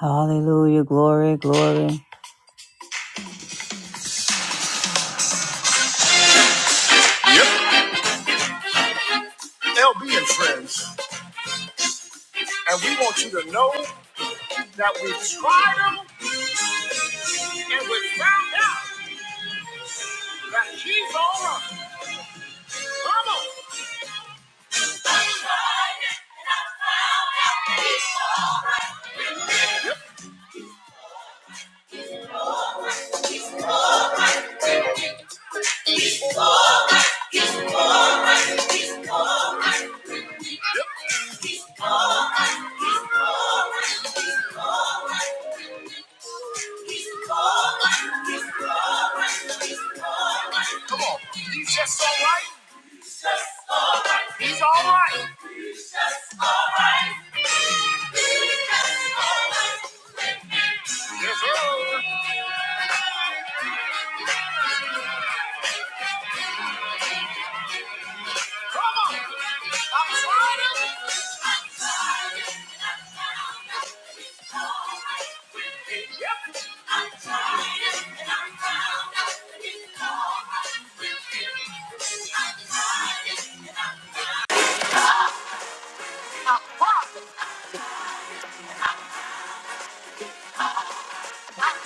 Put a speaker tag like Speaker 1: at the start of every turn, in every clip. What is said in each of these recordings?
Speaker 1: Hallelujah. Glory, glory. Yep. LB and friends. And we want you to know that we trust on. Come on. Come on. He's just all right. He's all right. Yes, sir. I'm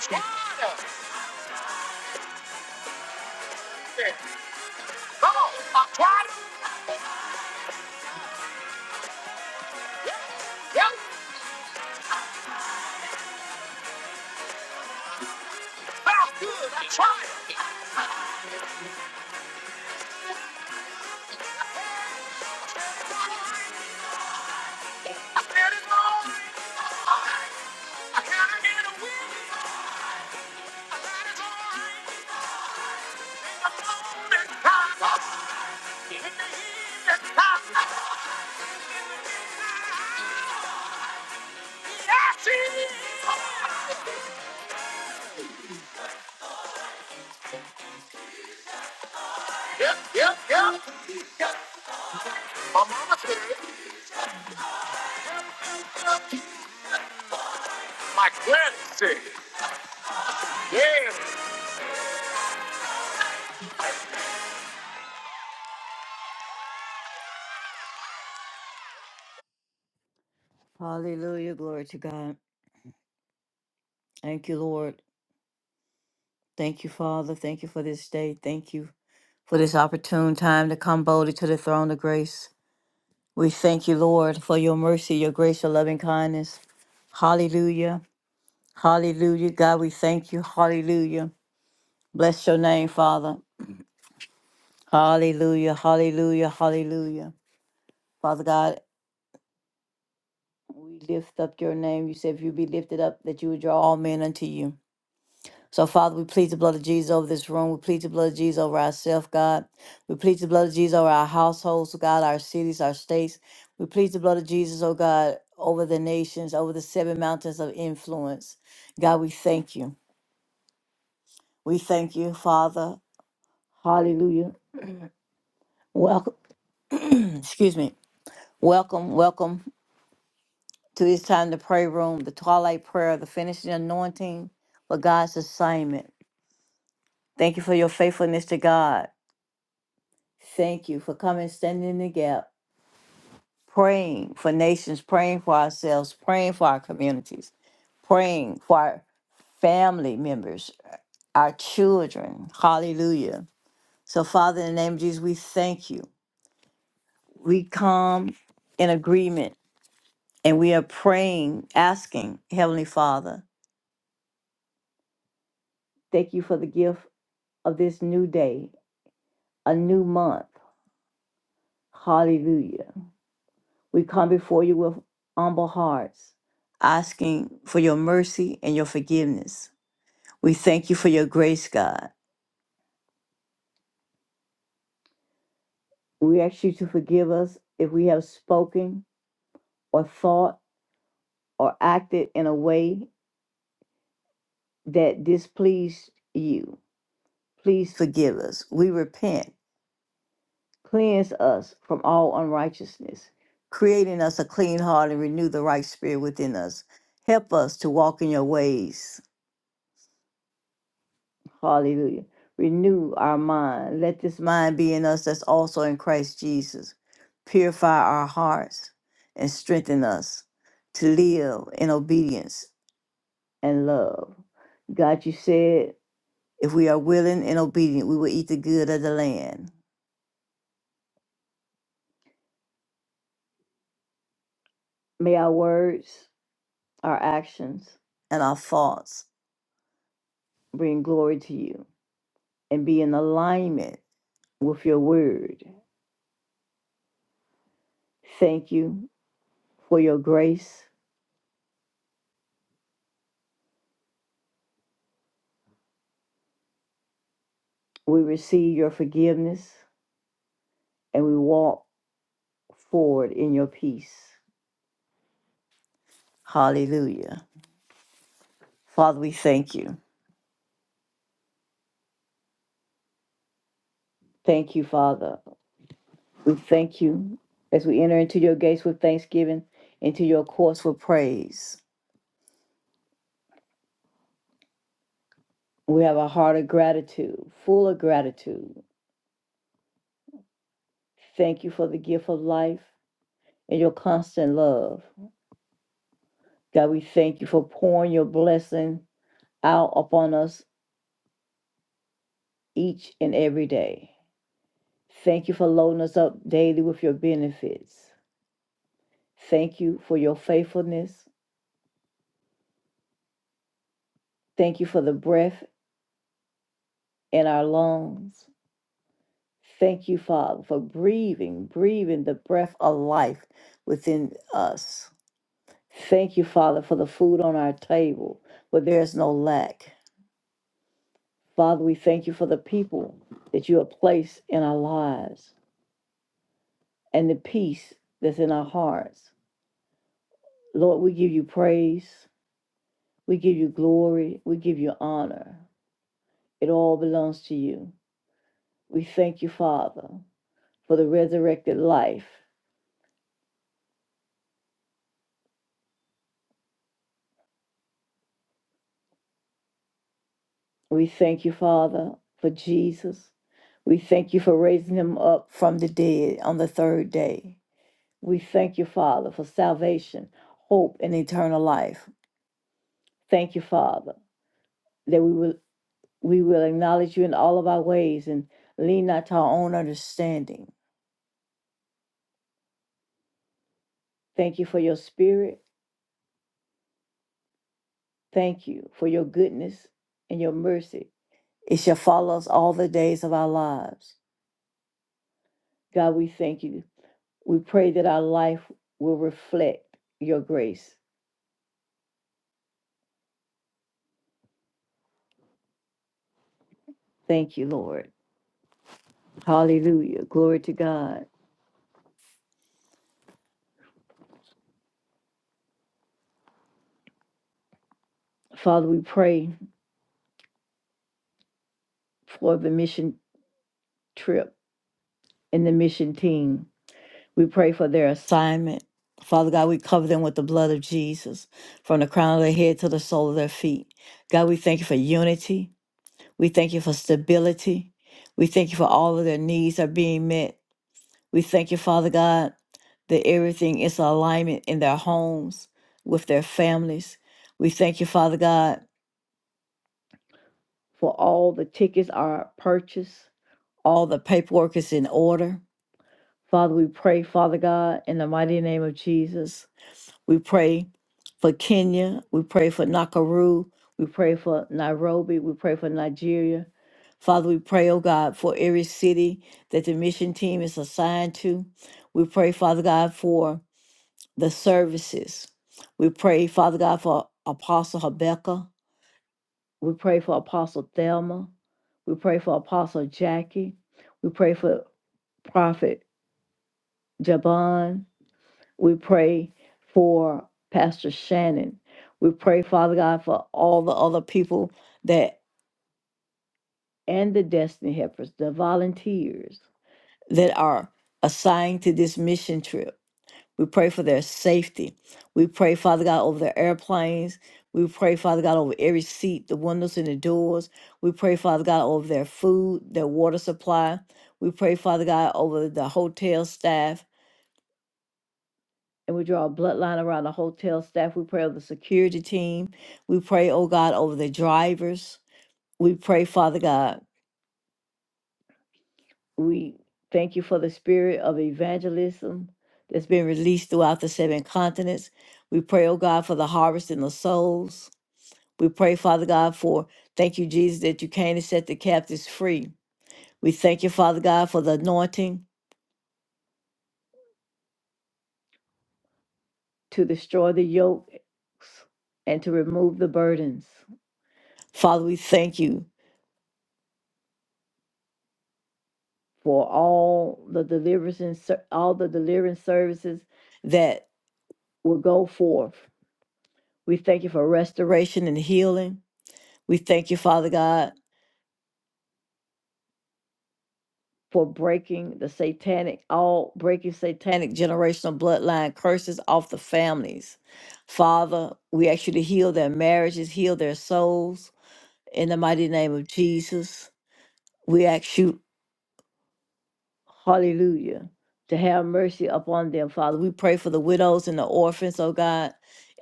Speaker 1: trying. to. I'm trying. to. Come on. I'm trying. to. Yep. But I'm good. I'm trying. I got it wrong. I got it in the wind. I got it all right. All the time. In the heat. Yep, yep, yep. My mama said My granny said Yeah. Hallelujah. Glory to God. Thank you, Lord. Thank you, Father. Thank you for this day. Thank you for this opportune time to come boldly to the throne of grace. We thank you, Lord, for your mercy, your grace, your loving kindness. Hallelujah. Hallelujah. God, we thank you. Hallelujah. Bless your name, Father. Hallelujah. Hallelujah. Hallelujah. Father God, We lift up your name. You said if you be lifted up, that you would draw all men unto you. So, Father, we plead the blood of Jesus over this room. We plead the blood of Jesus over ourselves, God. We plead the blood of Jesus over our households, oh God, our cities, our states. We plead the blood of Jesus, oh God, over the nations, over the seven mountains of influence. God, we thank you. We thank you, Father. Hallelujah. Welcome, excuse me. Welcome, welcome to this time, the prayer room, the twilight prayer, the finishing anointing for God's assignment. Thank you for your faithfulness to God. Thank you for coming, standing in the gap, praying for nations, praying for ourselves, praying for our communities, praying for our family members, our children. Hallelujah. So, Father, in the name of Jesus, we thank you. We come in agreement and we are praying, asking, Heavenly Father, thank you for the gift of this new day, a new month. Hallelujah. We come before you with humble hearts, asking for your mercy and your forgiveness. We thank you for your grace, God. We ask you to forgive us if we have spoken or thought or acted in a way that displeased you. Please forgive us. We repent. Cleanse us from all unrighteousness, creating us a clean heart and renew the right spirit within us. Help us to walk in your ways Hallelujah. Renew our mind. Let this mind be in us that's also in Christ Jesus. Purify our hearts and strengthen us to live in obedience and love. God, you said, if we are willing and obedient, we will eat the good of the land. May our words, our actions, and our thoughts bring glory to you and be in alignment with your word. Thank you for your grace We receive your forgiveness and we walk forward in your peace. Hallelujah. Father, we thank you. Thank you, Father. We thank you as we enter into your gates with thanksgiving, into your courts with praise. We have a heart of gratitude, full of gratitude. Thank you for the gift of life and your constant love. God, we thank you for pouring your blessing out upon us each and every day. Thank you for loading us up daily with your benefits. Thank you for your faithfulness. Thank you for the breath in our lungs. Thank you, Father, for breathing, breathing the breath of life within us. Thank you, Father, for the food on our table, where there is no lack. Father, we thank you for the people that you have placed in our lives and the peace that's in our hearts. Lord, we give you praise. We give you glory. We give you honor. It all belongs to you. We thank you, Father, for the resurrected life. We thank you, Father, for Jesus. We thank you for raising him up from the dead on the third day. We thank you, Father, for salvation, hope, and eternal life. Thank you, Father, that we will we will acknowledge you in all of our ways and lean not to our own understanding. Thank you for your spirit. Thank you for your goodness and your mercy It shall follow us all the days of our lives. God, we thank you. We pray that our life will reflect your grace. Thank you, Lord. Hallelujah. Glory to God. Father, we pray for the mission trip and the mission team. We pray for their assignment. Father God, we cover them with the blood of Jesus from the crown of their head to the sole of their feet. God, we thank you for unity. We thank you for stability. We thank you for all of their needs are being met. We thank you, Father God, that everything is in alignment in their homes, with their families. We thank you, Father God, for all the tickets are purchased, all the paperwork is in order. Father, we pray, Father God, in the mighty name of Jesus. We pray for Kenya. We pray for Nakuru. We pray for Nairobi. We pray for Nigeria. Father, we pray, oh God, for every city that the mission team is assigned to. We pray, Father God, for the services. We pray, Father God, for Apostle Rebecca. We pray for Apostle Thelma. We pray for Apostle Jackie. We pray for Prophet Jabon. We pray for Pastor Shannon. We pray, Father God, for all the other people that and the destiny helpers, the volunteers that are assigned to this mission trip. We pray for their safety. We pray, Father God, over their airplanes. We pray, Father God, over every seat, the windows, and the doors. We pray, Father God, over their food, their water supply. We pray, Father God, over the hotel staff. And we draw a bloodline around the hotel staff. We pray over the security team. We pray, oh God, over the drivers. We pray, Father God. we thank you for the spirit of evangelism that's been released throughout the seven continents. We pray, oh God, for the harvest in the souls. We pray, Father God, for thank you, Jesus, that you came to set the captives free. We thank you, Father God, for the anointing to destroy the yokes and to remove the burdens. Father, we thank you for all the deliverance and ser- all the deliverance services that will go forth. We thank you for restoration and healing. We thank you, Father God, for breaking the satanic, all breaking satanic generational bloodline curses off the families. Father, we ask you to heal their marriages, heal their souls in the mighty name of Jesus. We ask you, hallelujah, to have mercy upon them, Father. We pray for the widows and the orphans, oh God,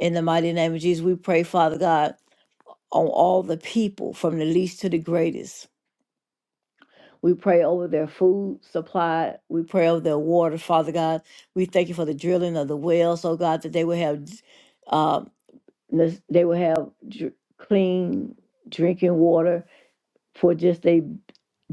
Speaker 1: in the mighty name of Jesus. We pray, Father God, on all the people from the least to the greatest. We pray over their food supply. We pray over their water, Father God. We thank you for the drilling of the wells, oh God, that they will have, uh, nes- they will have dr- clean drinking water for just a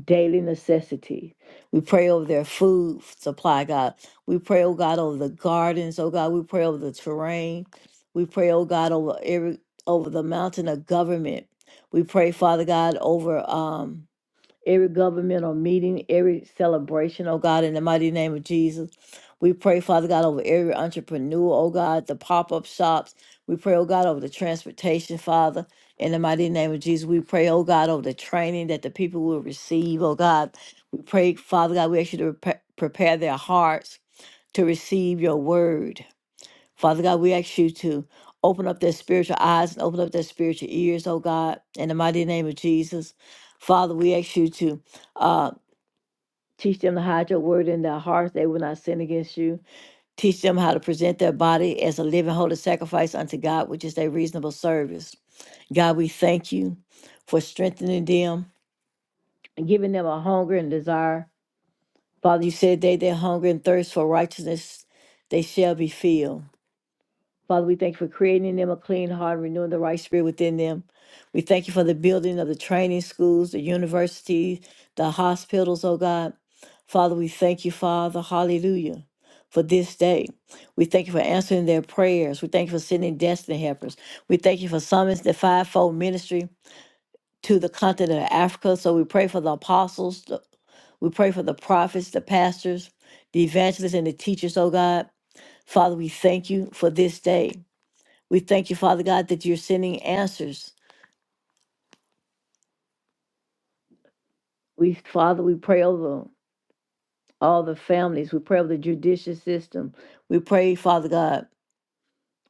Speaker 1: daily necessity. We pray over their food supply, God. We pray, oh God, over the gardens, oh God. We pray over the terrain. We pray, oh God, over every over the mountain of government. We pray, Father God, over um every governmental meeting, every celebration, oh God, in the mighty name of Jesus. We pray, Father God, over every entrepreneur, oh God, the pop up shops. We pray, oh God, over the transportation, Father. In the mighty name of Jesus, we pray, oh God, over the training that the people will receive, oh God. We pray, Father God, we ask you to repa- prepare their hearts to receive your word. Father God, we ask you to open up their spiritual eyes and open up their spiritual ears, oh God, in the mighty name of Jesus. Father, we ask you to uh, teach them to hide your word in their hearts. They will not sin against you. Teach them how to present their body as a living, holy sacrifice unto God, which is their reasonable service. God, we thank you for strengthening them and giving them a hunger and desire. Father, you said they that hunger and thirst for righteousness, they shall be filled. Father, we thank you for creating in them a clean heart, renewing the right spirit within them. We thank you for the building of the training schools, the universities, the hospitals, oh God. Father, we thank you, Father, hallelujah, for this day. We thank you for answering their prayers. We thank you for sending destiny helpers. We thank you for summoning the fivefold ministry to the continent of Africa. So we pray for the apostles, the- we pray for the prophets, the pastors, the evangelists, and the teachers, oh God. Father, we thank you for this day. We thank you, Father God, that you're sending answers. We, Father, we pray over all the families. We pray over the judicial system. We pray, Father God,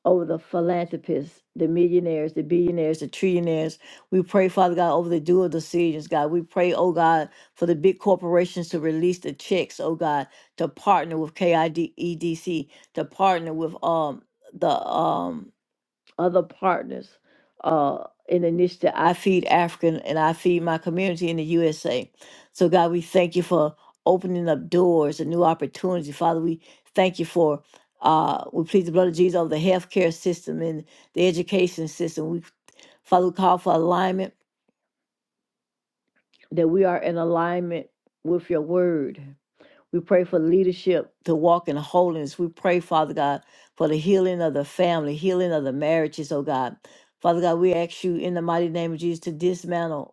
Speaker 1: over the philanthropists, the millionaires, the billionaires, the trillionaires. We pray, Father God, over the dual decisions, God. We pray, oh God, for the big corporations to release the checks, oh God, to partner with KIDEDC, to partner with um the um other partners uh, in the initiative I Feed African and I Feed My Community in the USA. So, God, we thank you for opening up doors and new opportunities. Father, we thank you for, uh, we plead the blood of Jesus over the healthcare system and the education system. We, Father, we call for alignment, that we are in alignment with your word. We pray for leadership to walk in holiness. We pray, Father God, for the healing of the family, healing of the marriages, oh God. Father God, we ask you in the mighty name of Jesus to dismantle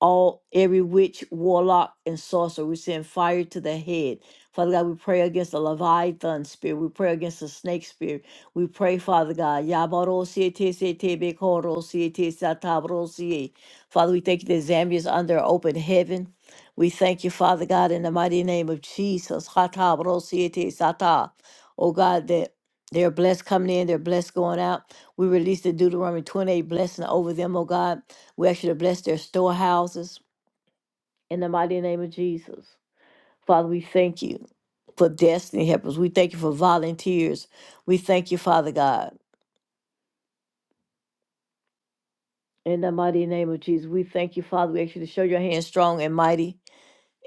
Speaker 1: all every witch, warlock, and sorcerer. We send fire to the head. Father God, we pray against the Leviathan spirit. We pray against the snake spirit. We pray, Father God. Yabarosietesetebekorosietesatabrosie. Father, we thank you that Zambia is under open heaven. We thank you, Father God, in the mighty name of Jesus. Hatabrosietesata. Oh God, that they're blessed coming in, they're blessed going out. We release the Deuteronomy 28 blessing over them, oh God. We ask you to bless their storehouses in the mighty name of Jesus. Father, we thank you for destiny helpers. We thank you for volunteers. We thank you, Father God. In the mighty name of Jesus, we thank you, Father. We ask you to show your hand strong and mighty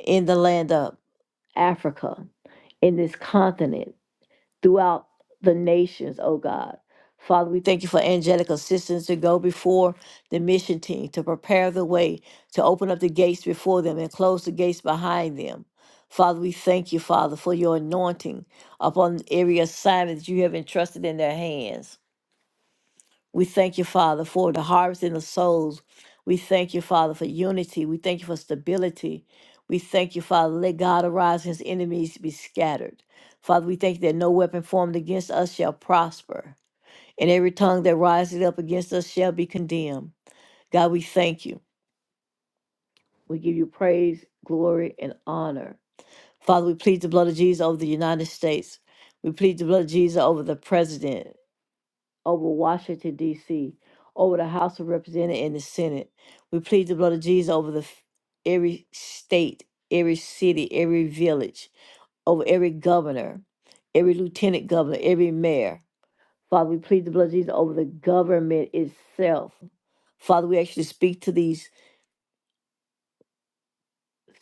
Speaker 1: in the land of Africa, in this continent. throughout the nations, oh God. Father, we thank you for angelic assistance to go before the mission team, to prepare the way, to open up the gates before them and close the gates behind them. Father, we thank you, Father, for your anointing upon every assignment that you have entrusted in their hands. We thank you, Father, for the harvest in the souls. We thank you, Father, for unity. We thank you for stability. We thank you, Father. Let God arise and his enemies be scattered. Father, we thank you that no weapon formed against us shall prosper, and every tongue that rises up against us shall be condemned. God, we thank you. We give you praise, glory, and honor. Father, we plead the blood of Jesus over the United States. We plead the blood of Jesus over the president. over Washington, D.C., over the House of Representatives and the Senate. We plead the blood of Jesus over the f- every state, every city, every village, over every governor, every lieutenant governor, every mayor. Father, we plead the blood of Jesus over the government itself. Father, we actually speak to these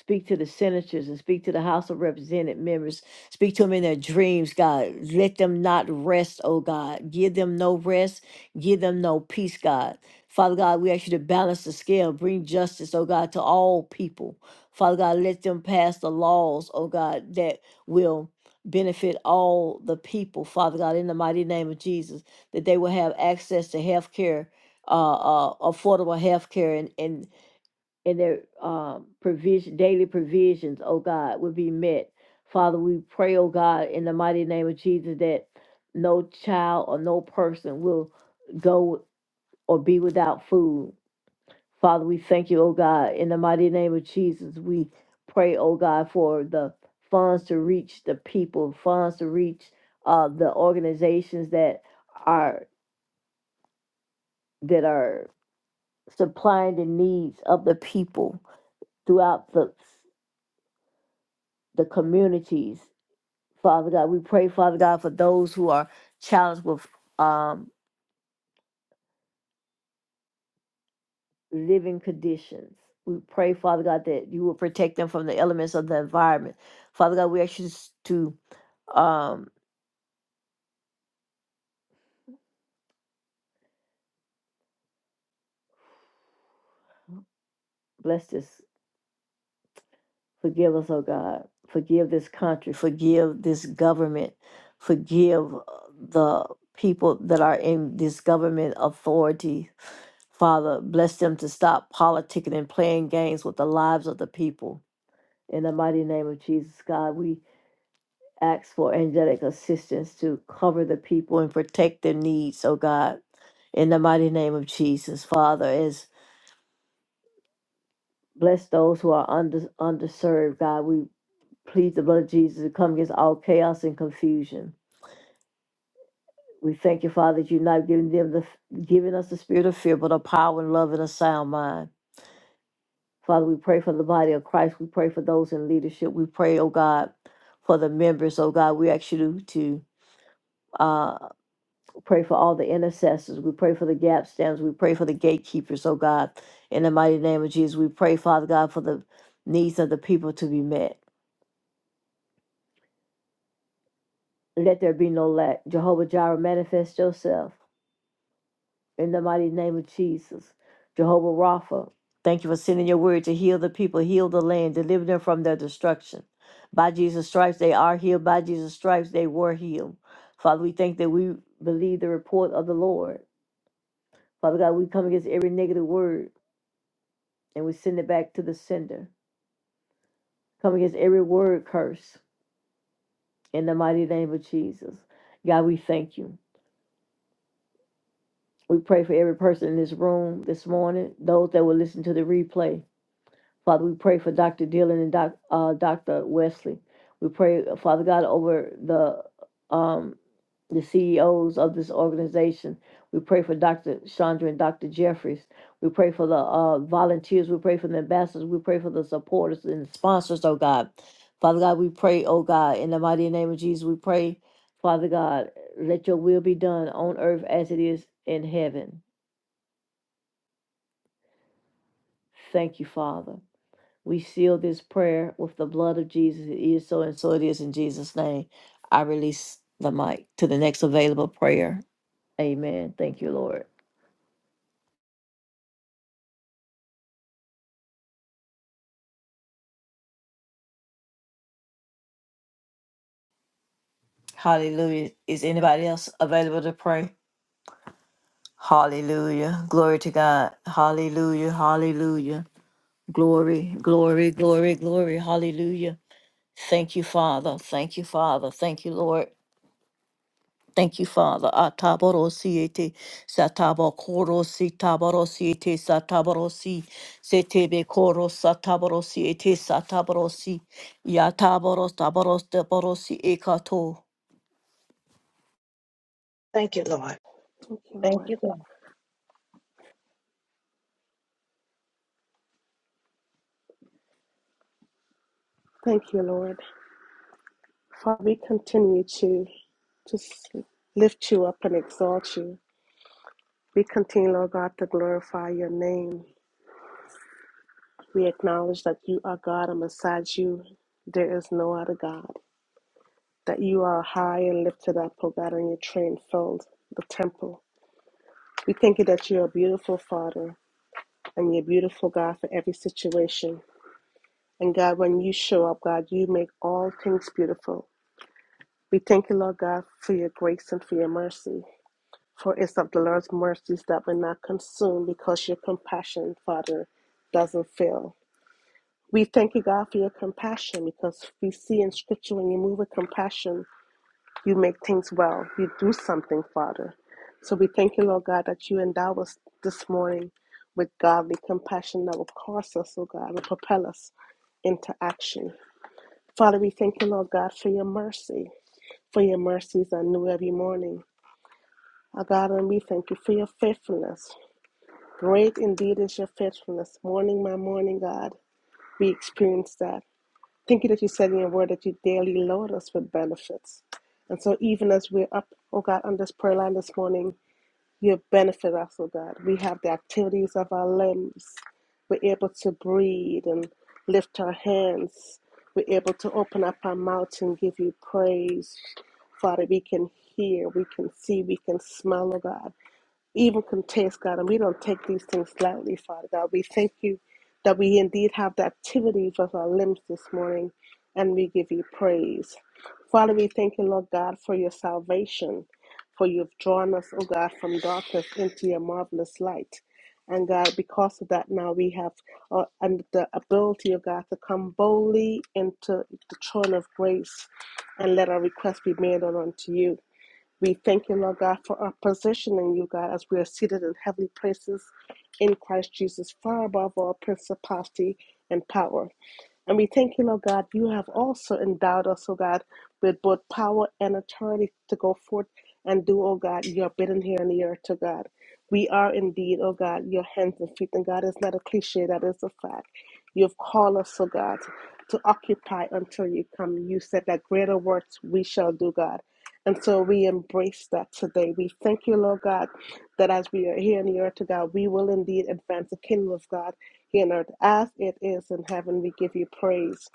Speaker 1: Speak to the senators and speak to the House of Representative members. Speak to them in their dreams, God. Let them not rest, oh God. Give them no rest. Give them no peace, God. Father God, we ask you to balance the scale, bring justice, oh God, to all people. Father God, let them pass the laws, oh God, that will benefit all the people, Father God, in the mighty name of Jesus, that they will have access to health care, uh, uh, affordable health care and, and and their um, provision, daily provisions, oh God, will be met. Father, we pray, oh God, in the mighty name of Jesus, that no child or no person will go or be without food. Father, we thank you, oh God, in the mighty name of Jesus. We pray, oh God, for the funds to reach the people, funds to reach uh, the organizations that are that are supplying the needs of the people throughout the the communities. Father God, we pray, Father God, for those who are challenged with um, living conditions. We pray, Father God, that you will protect them from the elements of the environment. Father God, we ask you to um, bless this. Forgive us, oh God. Forgive this country. Forgive this government. Forgive uh, the people that are in this government authority. Father, bless them to stop politicking and playing games with the lives of the people. In the mighty name of Jesus, God, we ask for angelic assistance to cover the people and protect their needs, oh God. In the mighty name of Jesus, Father, as bless those who are under, underserved, God, we plead the blood of Jesus to come against all chaos and confusion. We thank you, Father, that you're not giving them the giving us the spirit of fear, but a power and love and a sound mind. Father, we pray for the body of Christ. We pray for those in leadership. We pray, oh God, for the members, oh God. We ask you to, to, uh, pray for all the intercessors. We pray for the gap stands. We pray for the gatekeepers, oh God. In the mighty name of Jesus, we pray, Father God, for the needs of the people to be met. Let there be no lack. Jehovah Jireh, manifest yourself in the mighty name of Jesus. Jehovah Rapha, thank you for sending your word to heal the people, heal the land, deliver them from their destruction. By Jesus' stripes, they are healed. By Jesus' stripes, they were healed. Father, we thank that we believe the report of the Lord. Father God, we come against every negative word and we send it back to the sender. Come against every word curse in the mighty name of Jesus. God, we thank you. We pray for every person in this room this morning, those that will listen to the replay. Father, we pray for Dr. Dillon and Doc, uh, Dr. Wesley. We pray, Father God, over the um, the CEOs of this organization. We pray for Dr. Chandra and Dr. Jeffries. We pray for the uh, volunteers. We pray for the ambassadors. We pray for the supporters and sponsors, oh God. Father God, we pray, oh God, in the mighty name of Jesus, we pray, Father God, let your will be done on earth as it is in heaven. Thank you, Father. We seal this prayer with the blood of Jesus. It is so, and so it is in Jesus' name. I release the mic to the next available prayer. Amen. Thank you, Lord. Hallelujah. Is anybody else available to pray? Hallelujah. Glory to God. Hallelujah. Hallelujah. Glory, glory, glory, glory. Hallelujah. Thank you, Father. Thank you, Father. Thank you, Lord. Thank you, Father. Ataborosiete, satabokorosite, taborosiete, sataborosi, setebekoros, sataborosiete, sataborosi, yataboros, taboros, deborosi, ekato.
Speaker 2: Thank you, Lord.
Speaker 3: Thank you,
Speaker 2: Thank
Speaker 3: Lord.
Speaker 2: you, Lord.
Speaker 3: Thank you, Lord. Father, we continue to just lift you up and exalt you. We continue, Lord God, to glorify your name. We acknowledge that you are God and besides you, there is no other God. That you are high and lifted up, O God, and your train filled the temple. We thank you that you're a beautiful Father and you're a beautiful God for every situation. And God, when you show up, God, you make all things beautiful. We thank you, Lord God, for your grace and for your mercy. For it's of the Lord's mercies that we're not consumed because your compassion, Father, doesn't fail. We thank you, God, for your compassion because we see in Scripture when you move with compassion, you make things well. You do something, Father. So we thank you, Lord God, that you endow us this morning with godly compassion that will cause us, oh God, will propel us into action. Father, we thank you, Lord God, for your mercy, for your mercies are new every morning. Our God, and we thank you for your faithfulness. Great indeed is your faithfulness. Morning by morning, God, we experience that. Thank you that you said in your word that you daily load us with benefits. And so, even as we're up, oh God, on this prayer line this morning, you have benefited us, oh God. We have the activities of our limbs. We're able to breathe and lift our hands. We're able to open up our mouths and give you praise. Father, we can hear, we can see, we can smell, oh God even contest, God, and we don't take these things lightly, Father God. We thank you that we indeed have the activities of our limbs this morning, and we give you praise. Father, we thank you, Lord God, for your salvation, for you've drawn us, oh God, from darkness into your marvelous light. And God, because of that, now we have uh, and the ability of God to come boldly into the throne of grace and let our request be made unto you. We thank you, Lord God, for our positioning, you God, as we are seated in heavenly places in Christ Jesus, far above all principality and power. And we thank you, Lord God, you have also endowed us, O God, with both power and authority to go forth and do, O God, your bidding here on the earth, to God. We are indeed, O God, your hands and feet, and God, it's not a cliche, that is a fact. You've called us, O God, to occupy until you come. You said that greater works we shall do, God. And so we embrace that today. We thank you, Lord God, that as we are here on the earth, to God, we will indeed advance the kingdom of God in earth as it is in heaven. We give you praise.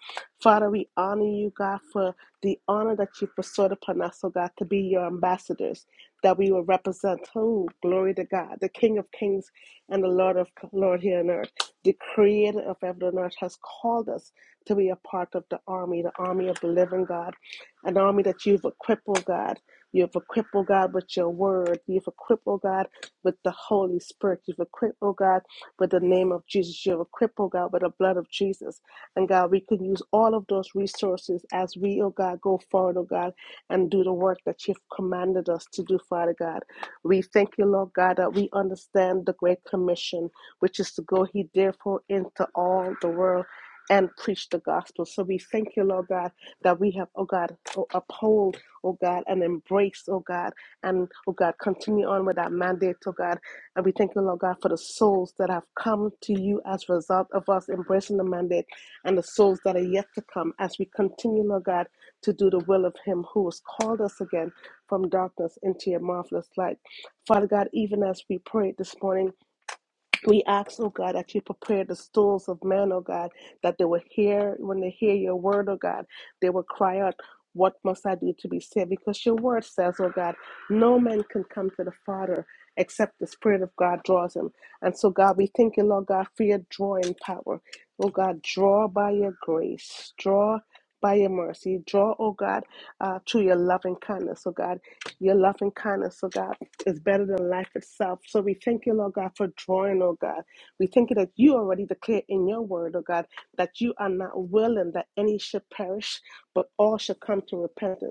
Speaker 3: Father, we honor you, God, for the honor that you bestowed upon us, oh God, to be your ambassadors, that we will represent, oh, glory to God, the King of kings and the Lord of Lord here on earth. The creator of heaven and earth has called us to be a part of the army, the army of the living God, an army that you've equipped, oh God. You've equipped, oh God, with your word. You've equipped, oh God, with the Holy Spirit. You've equipped, oh God, with the name of Jesus. You're a cripple, God, with the blood of Jesus. And God, we can use all of those resources as we, oh God, go forward, oh God, and do the work that you've commanded us to do, Father God. We thank you, Lord God, that we understand the Great Commission, which is to go, He therefore, into all the world and preach the gospel. So we thank you, Lord God, that we have, oh God, oh, uphold, oh God, and embrace, oh God, and oh God, continue on with that mandate, oh God, and we thank you, Lord God, for the souls that have come to you as a result of us embracing the mandate and the souls that are yet to come as we continue, Lord God, to do the will of Him who has called us again from darkness into your marvelous light. Father God, even as we prayed this morning, we ask, oh God, that you prepare the stools of men, oh God, that they will hear, when they hear your word, oh God, they will cry out, What must I do to be saved? Because your word says, oh God, no man can come to the Father except the Spirit of God draws him. And so, God, we thank you, Lord God, for your drawing power. Oh God, draw by your grace, draw by your mercy, draw, oh God, uh, through your loving kindness, oh God, your loving kindness, oh God is better than life itself. So we thank you, Lord God, for drawing, oh God. We thank you that you already declared in your word, oh God, that you are not willing that any should perish, but all should come to repentance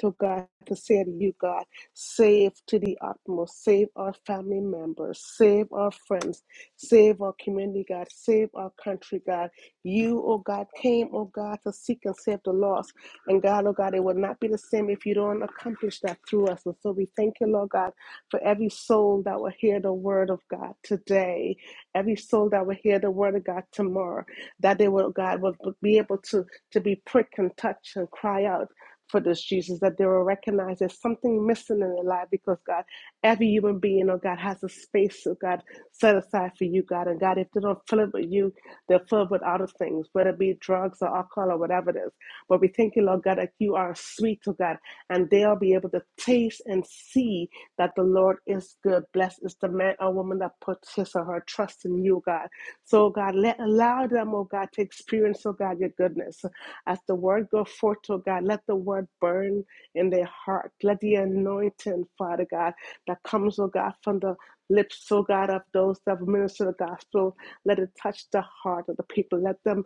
Speaker 3: to God to say to you, God, save to the utmost, save our family members, save our friends, save our community, God, save our country, God. You, oh God, came, oh God, to seek and save the lost. And God, oh God, it would not be the same if you don't accomplish that through us. And so we thank you, Lord God, for every soul that will hear the word of God today, every soul that will hear the word of God tomorrow, that they will, God, will be able to, to be pricked and touched and cry out for this, Jesus, that they will recognize there's something missing in their life because, God, every human being, oh God, has a space, oh God, set aside for you, God. And God, if they don't fill it with you, they'll fill it with other things, whether it be drugs or alcohol or whatever it is. But we thank you, Lord God, that you are sweet, oh God, and they'll be able to taste and see that the Lord is good. Blessed is the man or woman that puts his or her trust in you, God. So, God, let allow them, oh God, to experience, oh God, your goodness. As the word go forth, oh God, let the word burn in their heart. Let the anointing, Father God, that comes, oh God, from the lips, oh God, of those that minister the gospel, let it touch the heart of the people. Let them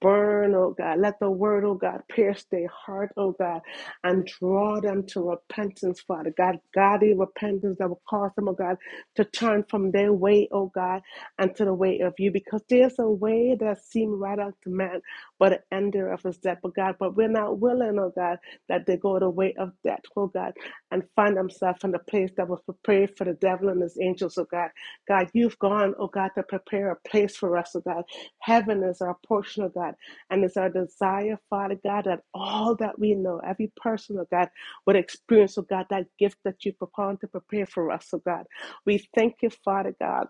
Speaker 3: burn, oh God. Let the word, oh God, pierce their heart, oh God, and draw them to repentance, Father God. Godly repentance that will cause them, oh God, to turn from their way, oh God, and to the way of you, because there's a way that seems right unto man, but an ender of his death, but God, but we're not willing, oh God, that they go the way of death, oh God, and find themselves in the place that was prepared for the devil and his angels, oh God. God, you've gone, oh God, to prepare a place for us, oh God. Heaven is our portion, oh God, and it's our desire, Father God, that all that we know, every person, oh God, would experience, oh God, that gift that you propound to prepare for us, oh God. We thank you, Father God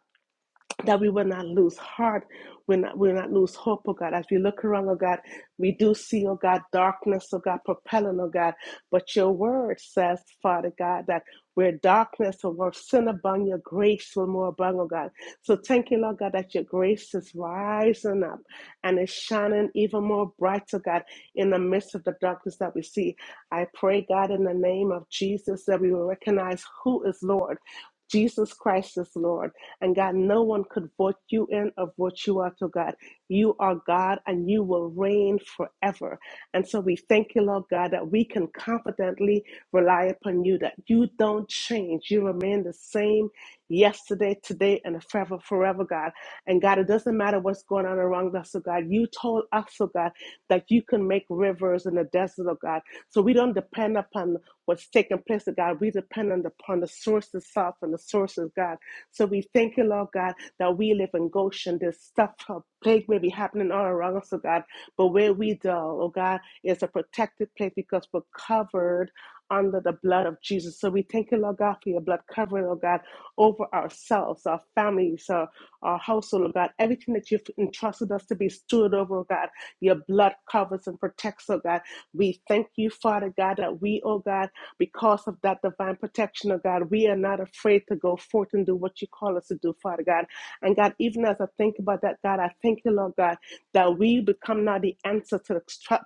Speaker 3: that we will not lose heart, we will not, we will not lose hope, oh God. As we look around, oh God, we do see, oh God, darkness, oh God, propelling, oh God. But your word says, Father God, that where darkness or where sin abound, your grace will more abound, oh God. So thank you, Lord God, that your grace is rising up and is shining even more bright, oh God, in the midst of the darkness that we see. I pray, God, in the name of Jesus, that we will recognize who is Lord. Jesus Christ is Lord. And God, no one could vote you in or vote you out, oh God. You are God and you will reign forever. And so we thank you, Lord God, that we can confidently rely upon you, that you don't change. You remain the same yesterday, today, and forever, forever, God. And God, it doesn't matter what's going on around us, oh God. You told us, oh God, that you can make rivers in the desert, oh God. So we don't depend upon what's taking place, oh God. We depend on the, upon the source itself and the sources, God. So we thank you, Lord God, that we live in Goshen. This stuff, uh, plague may be happening all around us, oh God, but where we dwell, oh God, is a protected place because we're covered under the blood of Jesus. So we thank you, Lord God, for your blood covering, oh God, over ourselves, our families, our, our household, oh God, everything that you've entrusted us to be steward over, oh God. Your blood covers and protects, oh God. We thank you, Father God, that we, oh God, because of that divine protection, oh God, we are not afraid to go forth and do what you call us to do, Father God. And God, even as I think about that, God, I thank you, Lord God, that we become now the answer to the,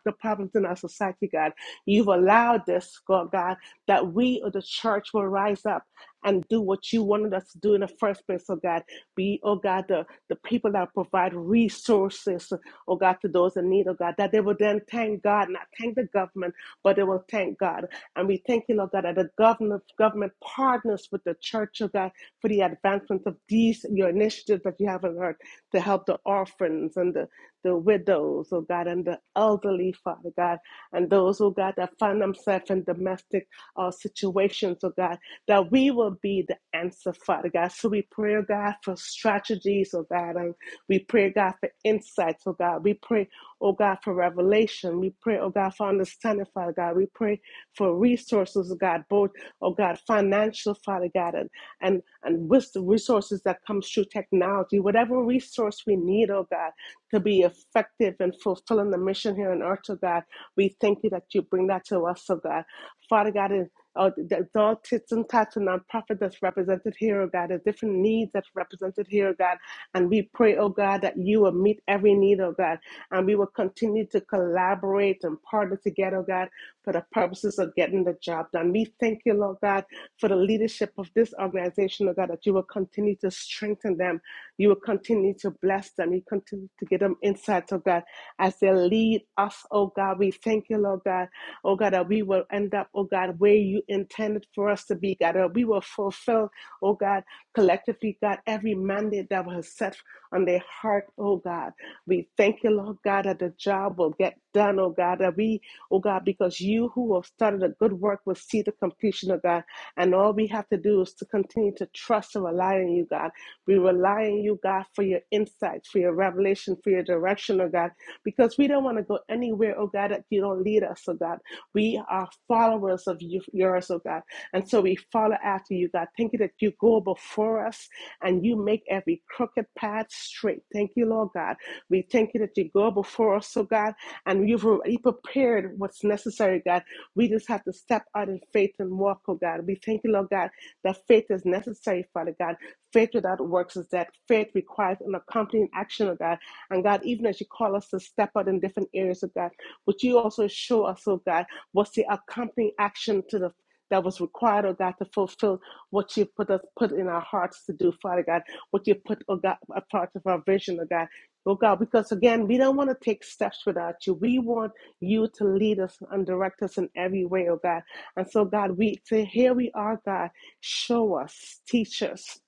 Speaker 3: the problems in our society, God. You've allowed this, God, God, that we or the church will rise up and do what you wanted us to do in the first place, oh God. Be, oh God, the, the people that provide resources, oh God, to those in need, oh God, that they will then thank God, not thank the government, but they will thank God. And we thank you, Lord God, that the government, government partners with the church, oh God, for the advancement of these, your initiatives that you have on earth to help the orphans and the, the widows, oh God, and the elderly, Father God, and those, oh God, that find themselves in domestic uh, situations, oh God, that we will be the answer, Father God. So we pray, oh God, for strategies, oh God, and we pray, oh God, for insights, oh God. We pray, oh God, for revelation. We pray, oh God, for understanding, Father God. We pray for resources, oh God, both, oh God, financial, Father God, and and, and wisdom resources that comes through technology, whatever resource we need, oh God, to be effective and fulfilling the mission here on earth, oh God. We thank you that you bring that to us, oh God. Father God, in uh, the adult tits and tots and nonprofit that's represented here, oh God, the different needs that's represented here, oh God. And we pray, oh God, that you will meet every need, oh God. And we will continue to collaborate and partner together, oh God for the purposes of getting the job done. We thank you, Lord God, for the leadership of this organization, Lord God, that you will continue to strengthen them. You will continue to bless them. You continue to give them insights, oh God, as they lead us, oh God. We thank you, Lord God, oh God, that we will end up, oh God, where you intended for us to be, God, that we will fulfill, oh God, collectively, God, every mandate that was set on their heart, oh God. We thank you, Lord God, that the job will get done, oh God, that we oh God, because you who have started a good work will see the completion of God. And all we have to do is to continue to trust and rely on you, God. We rely on you, God, for your insights, for your revelation, for your direction, oh God, because we don't want to go anywhere, oh God, that you don't lead us, oh God. We are followers of you, yours, oh God. And so we follow after you, God. Thank you that you go before us and you make every crooked path straight. Thank you, Lord God. We thank you that you go before us, oh so God, and you've already prepared what's necessary, God. We just have to step out in faith and walk, oh God. We thank you, Lord God, that faith is necessary, Father God. Faith without works is dead. faith requires an accompanying action, oh God. And God, even as you call us to step out in different areas, oh God, would you also show us, oh God, what's the accompanying action to the that was required, oh God, to fulfill what you put us put in our hearts to do, Father God, what you put, oh God, a part of our vision, oh God. Oh God, because again, we don't want to take steps without you. We want you to lead us and direct us in every way, oh God. And so, God, we say, here we are, God. Show us, teach us,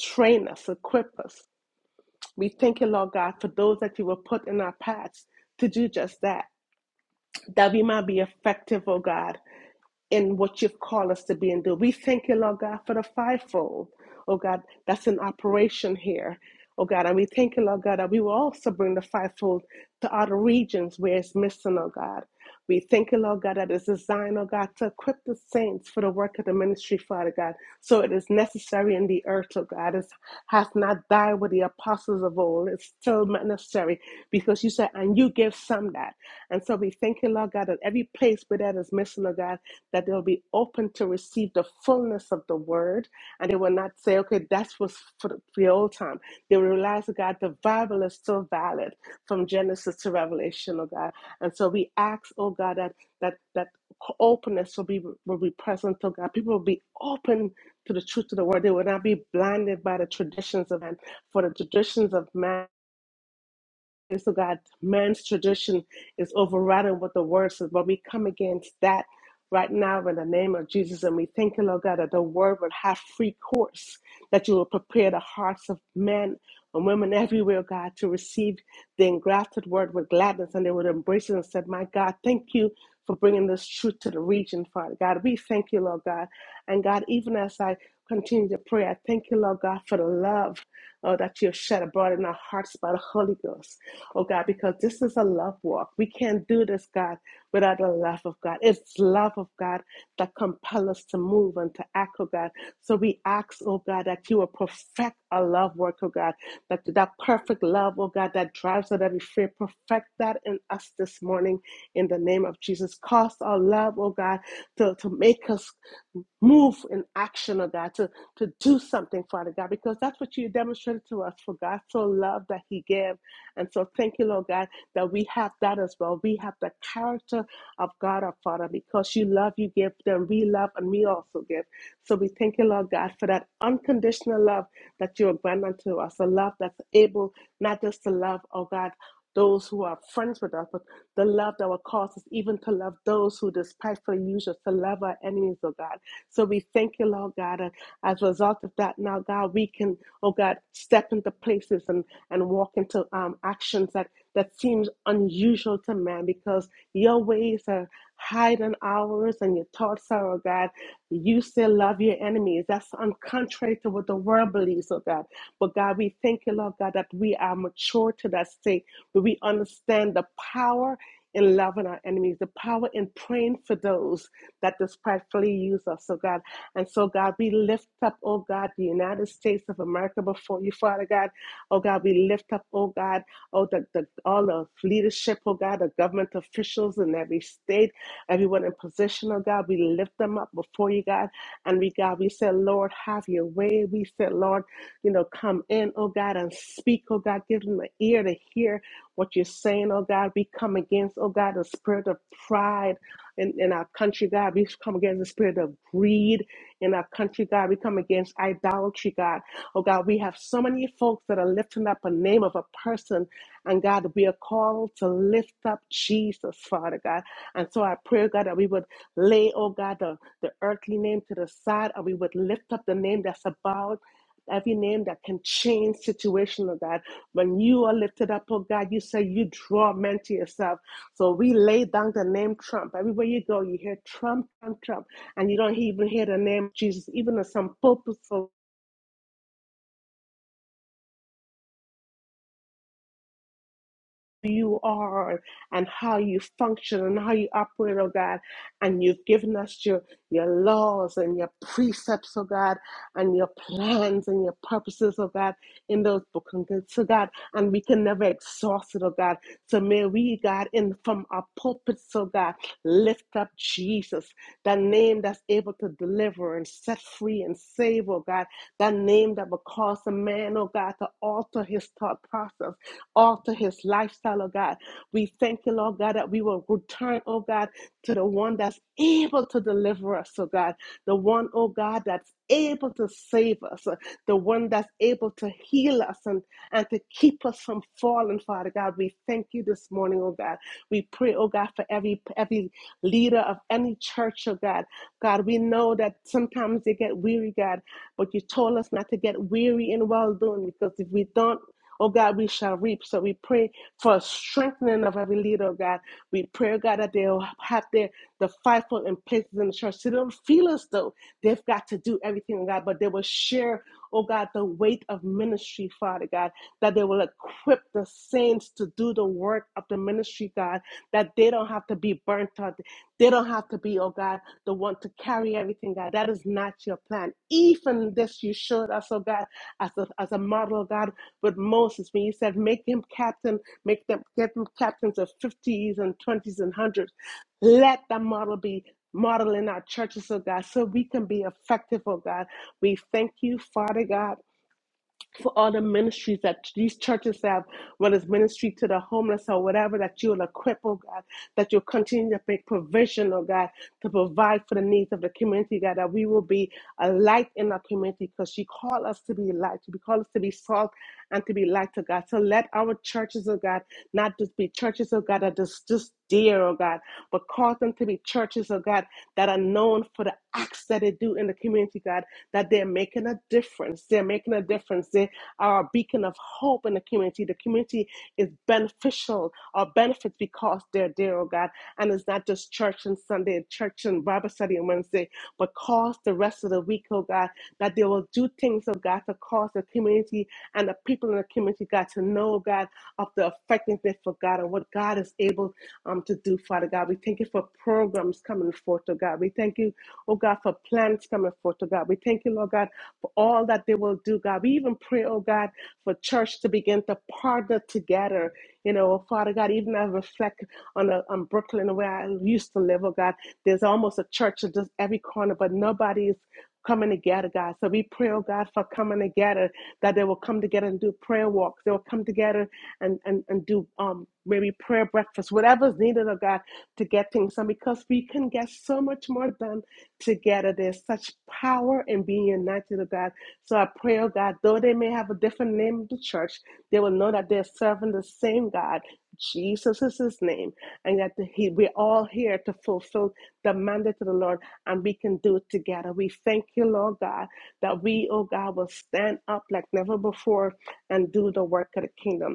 Speaker 3: train us, equip us. We thank you, Lord God, for those that you will put in our paths to do just that, that we might be effective, oh God in what you've called us to be and do. We thank you, Lord God, for the fivefold, oh God, that's in operation here, oh God. And we thank you, Lord God, that we will also bring the fivefold to other regions where it's missing, oh God. We thank you, Lord God, that it's designed, oh God, to equip the saints for the work of the ministry, Father God. So it is necessary in the earth, oh God. It hath not died with the apostles of old. It's still necessary because you said, and you give some that. And so we thank you, Lord God, that every place where that is missing, oh God, that they'll be open to receive the fullness of the word and they will not say, okay, that was for the for the old time. They will realize, oh God, the Bible is still valid from Genesis to Revelation, oh God. And so we ask, oh God, that that that openness will be will be present, oh God. People will be open to the truth of the word. They will not be blinded by the traditions of man, for the traditions of man is so God, man's tradition is overridden what the word says, but we come against that right now in the name of Jesus. And we thank you, Lord God, that the word will have free course, that you will prepare the hearts of men and women everywhere, God, to receive the engrafted word with gladness and they would embrace it and said, My God, thank you for bringing this truth to the region, Father God. We thank you, Lord God. And God, even as I continue to pray, I thank you, Lord God, for the love oh, that you have shed abroad in our hearts by the Holy Ghost, oh God, because this is a love walk. We can't do this, God, without the love of God. It's love of God that compel us to move and to act, oh God. So we ask, oh God, that you will perfect our love work, oh God, that that perfect love, oh God, that drives out every fear, perfect that in us this morning in the name of Jesus. Cause our love, oh God, to, to make us move in action, oh God, to, to do something, Father God, because that's what you demonstrated to us. For God so loved that He gave. And so thank you, Lord God, that we have that as well. We have the character of God, our Father. Because you love, you give, then we love and we also give. So we thank you, Lord God, for that unconditional love that you are granting unto us, a love that's able not just to love, oh God, those who are friends with us, but the love that will cause us even to love those who despitefully use us, to love our enemies, oh God. So we thank you, Lord God. And as a result of that, now, God, we can, oh God, step into places and and walk into um, actions that that seems unusual to man because your ways are hiding hours and your thoughts are, oh God. You still love your enemies. That's contrary to what the world believes, oh God. But God, we thank you, Lord God, that we are mature to that state where we understand the power in loving our enemies, the power in praying for those that despitefully use us, oh God. And so, God, we lift up, oh God, the United States of America before you, Father God. Oh God, we lift up, oh God, oh the, the all the leadership, oh God, the government officials in every state Everyone in position, oh God, we lift them up before you, God. And we, God, we said, Lord, have your way. We said, Lord, you know, come in, oh God, and speak, oh God. Give them the ear to hear what you're saying, oh God. We come against, oh God, the spirit of pride in, in our country, God. We come against the spirit of greed in our country, God. We come against idolatry, God. Oh God, we have so many folks that are lifting up a name of a person, and God, we are called to lift up Jesus, Father God. And so I pray, God, that we would lay, oh God, the, the earthly name to the side and we would lift up the name that's above every name that can change situation, oh God. When you are lifted up, oh God, you say you draw men to yourself. So we lay down the name Trump. Everywhere you go, you hear Trump, Trump, Trump, and you don't even hear the name Jesus, even in some purposeful you are and how you function and how you operate, oh God. And you've given us your, your laws and your precepts, oh God, and your plans and your purposes, oh God, in those book and books, So God. And we can never exhaust it, oh God. So may we, God, in from our pulpits, oh God, lift up Jesus, that name that's able to deliver and set free and save, oh God, that name that will cause a man, oh God, to alter his thought process alter his lifestyle, oh God. We thank you, Lord God, that we will return, oh God, to the one that's able to deliver us, oh God. The one, oh God, that's able to save us. uh, The one that's able to heal us and, and to keep us from falling, Father God. We thank you this morning, oh God. We pray, oh God, for every every leader of any church, oh God. God, we know that sometimes they get weary, God, but you told us not to get weary in well doing because if we don't, Oh God, we shall reap. So we pray for a strengthening of every leader, oh God. We pray, oh God, that they'll have their the fivefold in places in the church. So they don't feel as though they've got to do everything, oh God, but they will share, oh God, the weight of ministry, Father God, that they will equip the saints to do the work of the ministry, God, that they don't have to be burnt out. They don't have to be, oh God, the one to carry everything, God. That is not your plan. Even this you showed us, oh God, as a, as a model, oh God. But Moses, when he said, make him captain, make them get them captains of 50s and 20s and 100s, let that model be model in our churches, oh God, so we can be effective, oh God. We thank you, Father God for all the ministries that these churches have, whether it's ministry to the homeless or whatever, that you'll equip, oh God, that you'll continue to make provision, oh God, to provide for the needs of the community, God, that we will be a light in our community because you call us to be light. You call us to be salt and to be light, oh God. So let our churches, oh God, not just be churches, oh God, that just, just dear, oh God, but cause them to be churches, oh God, that are known for the acts that they do in the community, God, that they're making a difference. They're making a difference. They are a beacon of hope in the community. The community is beneficial or benefits because they're there, oh God. And it's not just church and Sunday and church and Bible study on Wednesday, but cause the rest of the week, oh God, that they will do things, oh God, to cause the community and the people in the community, God, to know, oh God, of the effectiveness for God and what God is able um, to do, Father God. We thank you for programs coming forth, oh God. We thank you Oh God, for plans coming forth, oh God. We thank you, Lord God, for all that they will do, God. We even pray, oh God, for church to begin to partner together. You know, oh Father God, even I reflect on, uh on Brooklyn where I used to live, oh God, there's almost a church at just every corner, but nobody's coming together, God. So we pray, oh God, for coming together, that they will come together and do prayer walks. They will come together and, and, and do um maybe prayer breakfast, whatever's needed, oh God, to get things done because we can get so much more done together. There's such power in being united with God. So I pray, oh God, though they may have a different name of the church, they will know that they're serving the same God. Jesus is his name, and that he, we're all here to fulfill the mandate of the Lord, and we can do it together. We thank you, Lord God, that we, oh God, will stand up like never before and do the work of the kingdom.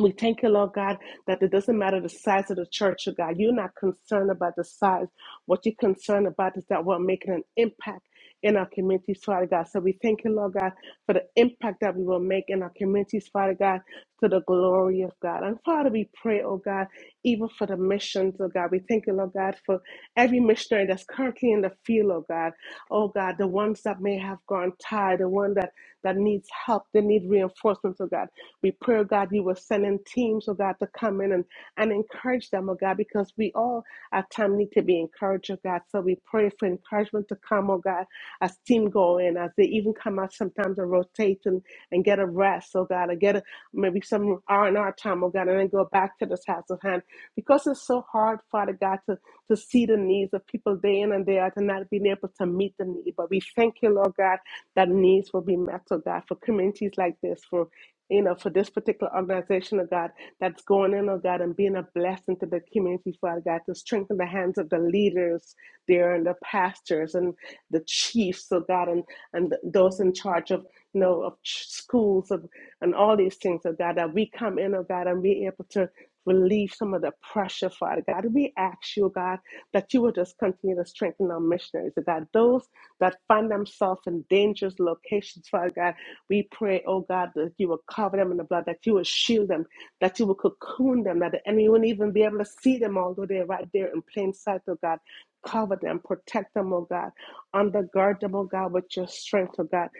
Speaker 3: We thank you, Lord God, that it doesn't matter the size of the church, oh God. You're not concerned about the size. What you're concerned about is that we're making an impact in our communities, Father God. So we thank you, Lord God, for the impact that we will make in our communities, Father God, to the glory of God. And Father, we pray, oh God, even for the missions, oh God. We thank you, Lord God, for every missionary that's currently in the field, oh God. Oh God, the ones that may have gone tired, the one that that needs help, they need reinforcements, oh God. We pray, oh God, you were sending teams, oh God, to come in and, and encourage them, oh God, because we all at times need to be encouraged, oh God. So we pray for encouragement to come, oh God, as team go in, as they even come out sometimes and rotate and, and get a rest, oh God, or get a, maybe some R&R time, oh God, and then go back to the task of hand. Because it's so hard, Father God, to, to see the needs of people day in and day out and not being able to meet the need. But we thank you, Lord God, that needs will be met, oh God, for communities like this, for you know, for this particular organization, oh God, that's going in, oh God, and being a blessing to the community, Father God, to strengthen the hands of the leaders there and the pastors and the chiefs, oh God, and, and those in charge of, you know, of schools of, and all these things, oh God. God, that we come in, oh God, and be able to relieve some of the pressure, Father God. We ask you, oh God, that you will just continue to strengthen our missionaries, oh God. Those that find themselves in dangerous locations, Father God, we pray, oh God, that you will cover them in the blood, that you will shield them, that you will cocoon them, that the enemy won't even be able to see them, although they're right there in plain sight, oh God. Cover them, protect them, oh God. Undergird them, oh God, with your strength, oh God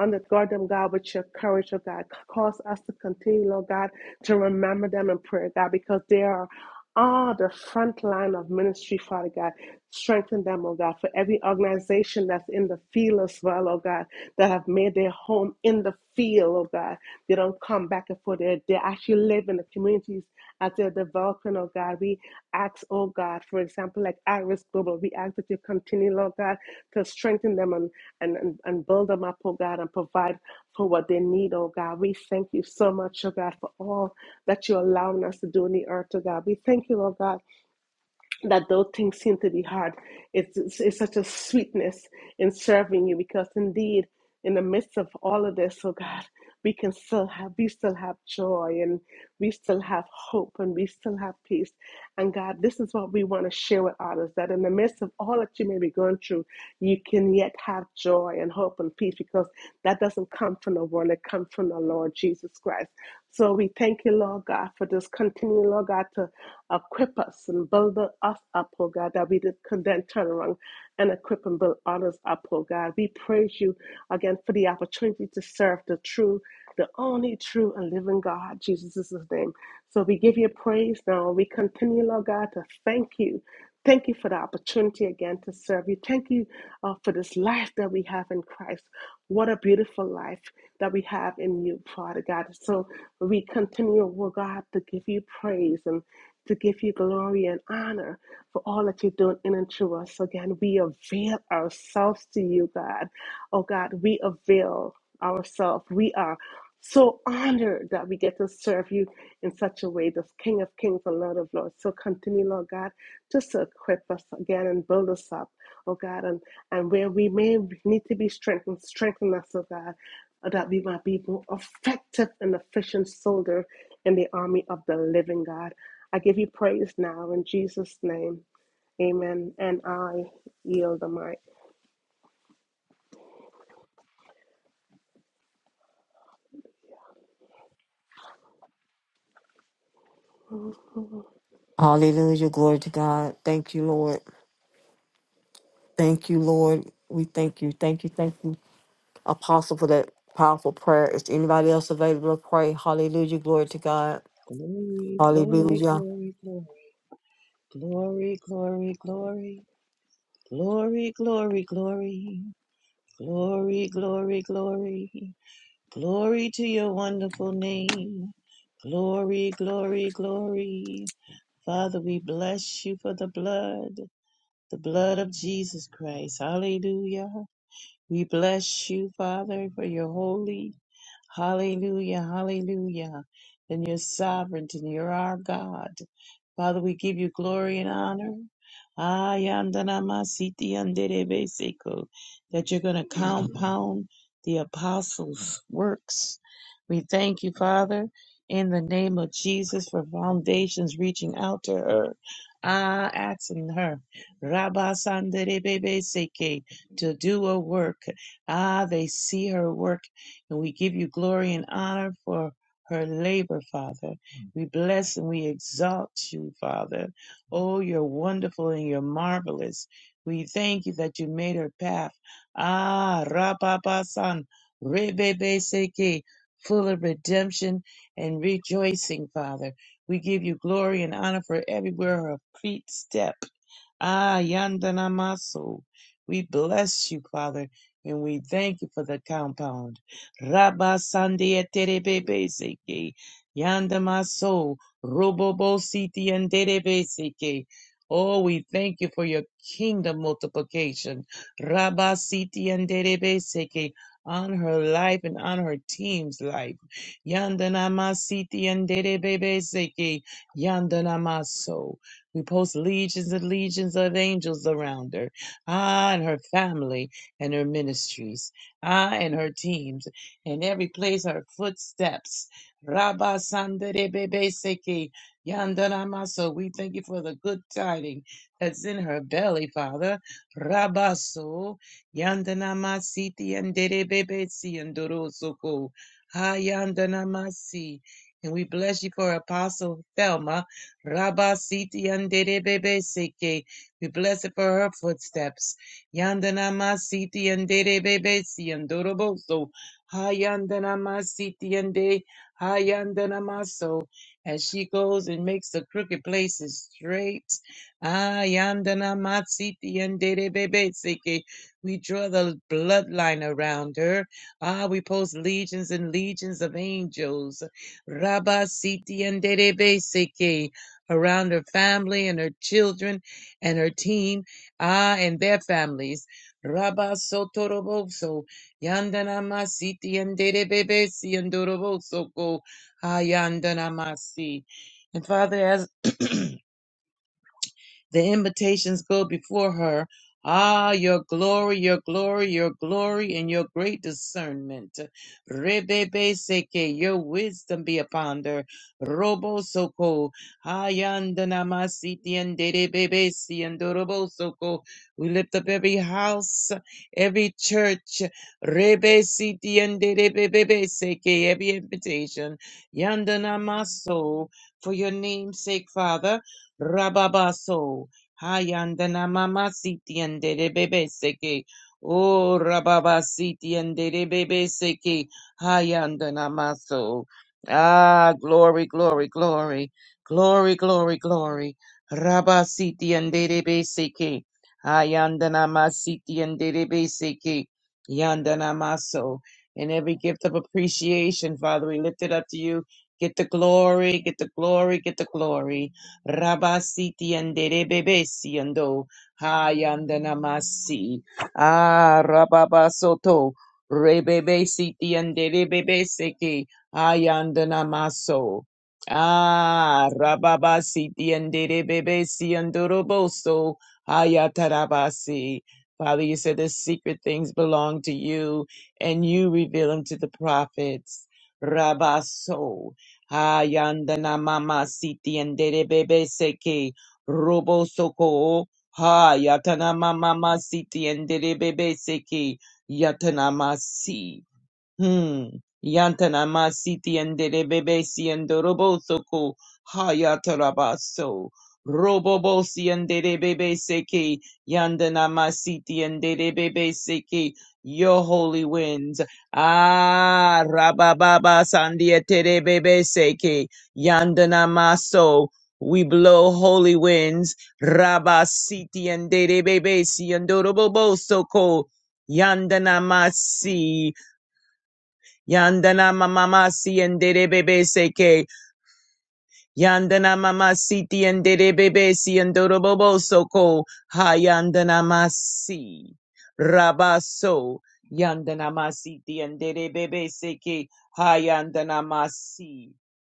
Speaker 3: undergird them, God, with your courage, oh God. Cause us to continue, Lord God, to remember them in prayer, God, because they are on the front line of ministry, Father God. Strengthen them, oh God, for every organization that's in the field as well, oh God, that have made their home in the field, oh God. They don't come back and forth. They, they actually live in the communities as they're developing, oh God. We ask, oh God, for example, like Iris Global, we ask that you continue, oh God, to strengthen them and, and, and, and build them up, oh God, and provide for what they need, oh God. We thank you so much, oh God, for all that you're allowing us to do in the earth, oh God. We thank you, oh God that those things seem to be hard. It's, it's, it's such a sweetness in serving you because indeed, in the midst of all of this, oh God, we can still have, we still have joy and we still have hope and we still have peace. And God, this is what we want to share with others that in the midst of all that you may be going through, you can yet have joy and hope and peace because that doesn't come from the world, it comes from the Lord Jesus Christ. So we thank you, Lord God, for this continuing, Lord God, to equip us and build us up, oh God, that we did could then turn around and equip and build others up, oh God. We praise you again for the opportunity to serve the true, the only true and living God, Jesus' name. So we give you praise now. We continue, Lord God, to thank you. Thank you for the opportunity again to serve you. Thank you uh, for this life that we have in Christ. What a beautiful life that we have in you, Father God. So we continue, oh God, to give you praise and to give you glory and honor for all that you're doing in and through us. Again, we avail ourselves to you, God. Oh God, we avail ourselves. We are so honored that we get to serve you in such a way, this King of Kings and Lord of Lords. So continue, Lord God just to equip us again and build us up, oh God, and, and where we may need to be strengthened, strengthen us, oh God, uh, that we might be more effective and efficient soldier in the army of the living God. I give you praise now in Jesus' name. Amen. And I yield the mic.
Speaker 1: Hallelujah. Glory to God. Thank you, Lord. Thank you, Lord. We thank you. Thank you. Thank you, Apostle, for that powerful prayer. Is anybody else available to pray? Hallelujah. Glory to God.
Speaker 4: Glory, glory,
Speaker 1: Hallelujah.
Speaker 4: glory, glory, glory, glory, glory, glory, glory, glory, glory, glory, glory, glory to your wonderful name. Glory, glory, glory. Father, we bless you for the blood, the blood of Jesus Christ. Hallelujah. We bless you, Father, for your holy. Hallelujah, hallelujah. And you're sovereign and you're our God. Father, we give you glory and honor. Ayandanamasiti anderebeseko, That you're going to compound the apostles' works. We thank you, Father, in the name of Jesus for foundations reaching out to her. Ah, asking her. Rabba to do a work. Ah, they see her work, and we give you glory and honor for her labor, Father. We bless and we exalt you, Father. Oh, you're wonderful and you're marvelous. We thank you that you made her path. Ah, Rababasan, Rebebeseke, full of redemption and rejoicing, Father. We give you glory and honor for everywhere her feet step. Ah, Yandanamasu. We bless you, Father, and we thank you for the compound. Rabba Sandia Terebebeseke. Yandamaso. Robobo Siti and Terebeseke. Oh, we thank you for your kingdom multiplication. Rabba Siti and Terebeseke. On her life and on her team's life. Yandanama Siti and Terebeseke. Yandanamaso. We post legions and legions of angels around her. Ah, and her family and her ministries. Ah, and her teams. And every place her footsteps. Rabba Sandere Bebe Seki Yandana We thank you for the good tiding that's in her belly, Father. Rabaso Yandana Masiti and Dere Bebe Si and Dorosoko. Ha Yandana And we bless you for Apostle Thelma Rabasiti Anderebe Seke. We bless it for her footsteps. Yandana Masiti Anderebe Siandoroboso. Hayandana Masiti Ande. Hayandana Maso. As she goes and makes the crooked places straight. Ayandana Masiti Anderebe Seke. We draw the bloodline around her. Ah, we post legions and legions of angels. Rabasiti Anderebe Seke around her family and her children and her team, ah, and their families. Rabba Sotoroboso, Yandana Masiti and Derebebesi and Doroboso, Hayandanamasi. And Father, as the invitations go before her. Ah, your glory, your glory, your glory, and your great discernment. Rebebe seke, your wisdom be upon her. Robo soko, hayandanamasi and derebebe si and robo soko. We lift up every house, every church. Rebe siti and derebebe seke, every invitation. Yandanamaso, for your name's sake, Father. Rababaso. Hayandana mama siti andere bebe seke. Oh, rababa siti andere bebe seke. Hayandana maso. Ah, glory, glory, glory. Glory, glory, glory. Rabba siti andere bebe seke. Hayandana masiti andere bebe seke. Yandana maso. In every gift of appreciation, Father, we lift it up to you. Get the glory, get the glory, get the glory. Rabasiti and Derebebesi and Do Hayandanamasi. Ah, Rababasoto. Rebebesiti and Derebebeseki Hayandanamaso. Ah, Rababasiti and Derebebesi and Doroboso Hayatarabasi. Father, you said the secret things belong to you, and you reveal them to the prophets. Rabaso. Hayandana mama siti endere bebe seke robo soko ha yatana mama siti endere bebe seke yatana masi. Hmm. Yantana masiti andere bebe si andoroboso ko hayatarabaso. Robobo si andere bebe seki. Yandana masiti andere bebe seki. Your holy winds. Ah, rabababa sandietere bebe seki. Yandana maso. We blow holy winds. Rabasiti andere bebe si andoroboso ko. Yandana masi. Yandana mamama si and seke. Yandana Mamasi Tiendere Bebesi and Dorobobo Soko Hayandana Masi Rabaso Yandana Masi Tiendere Bebeseke Hayandana Masi.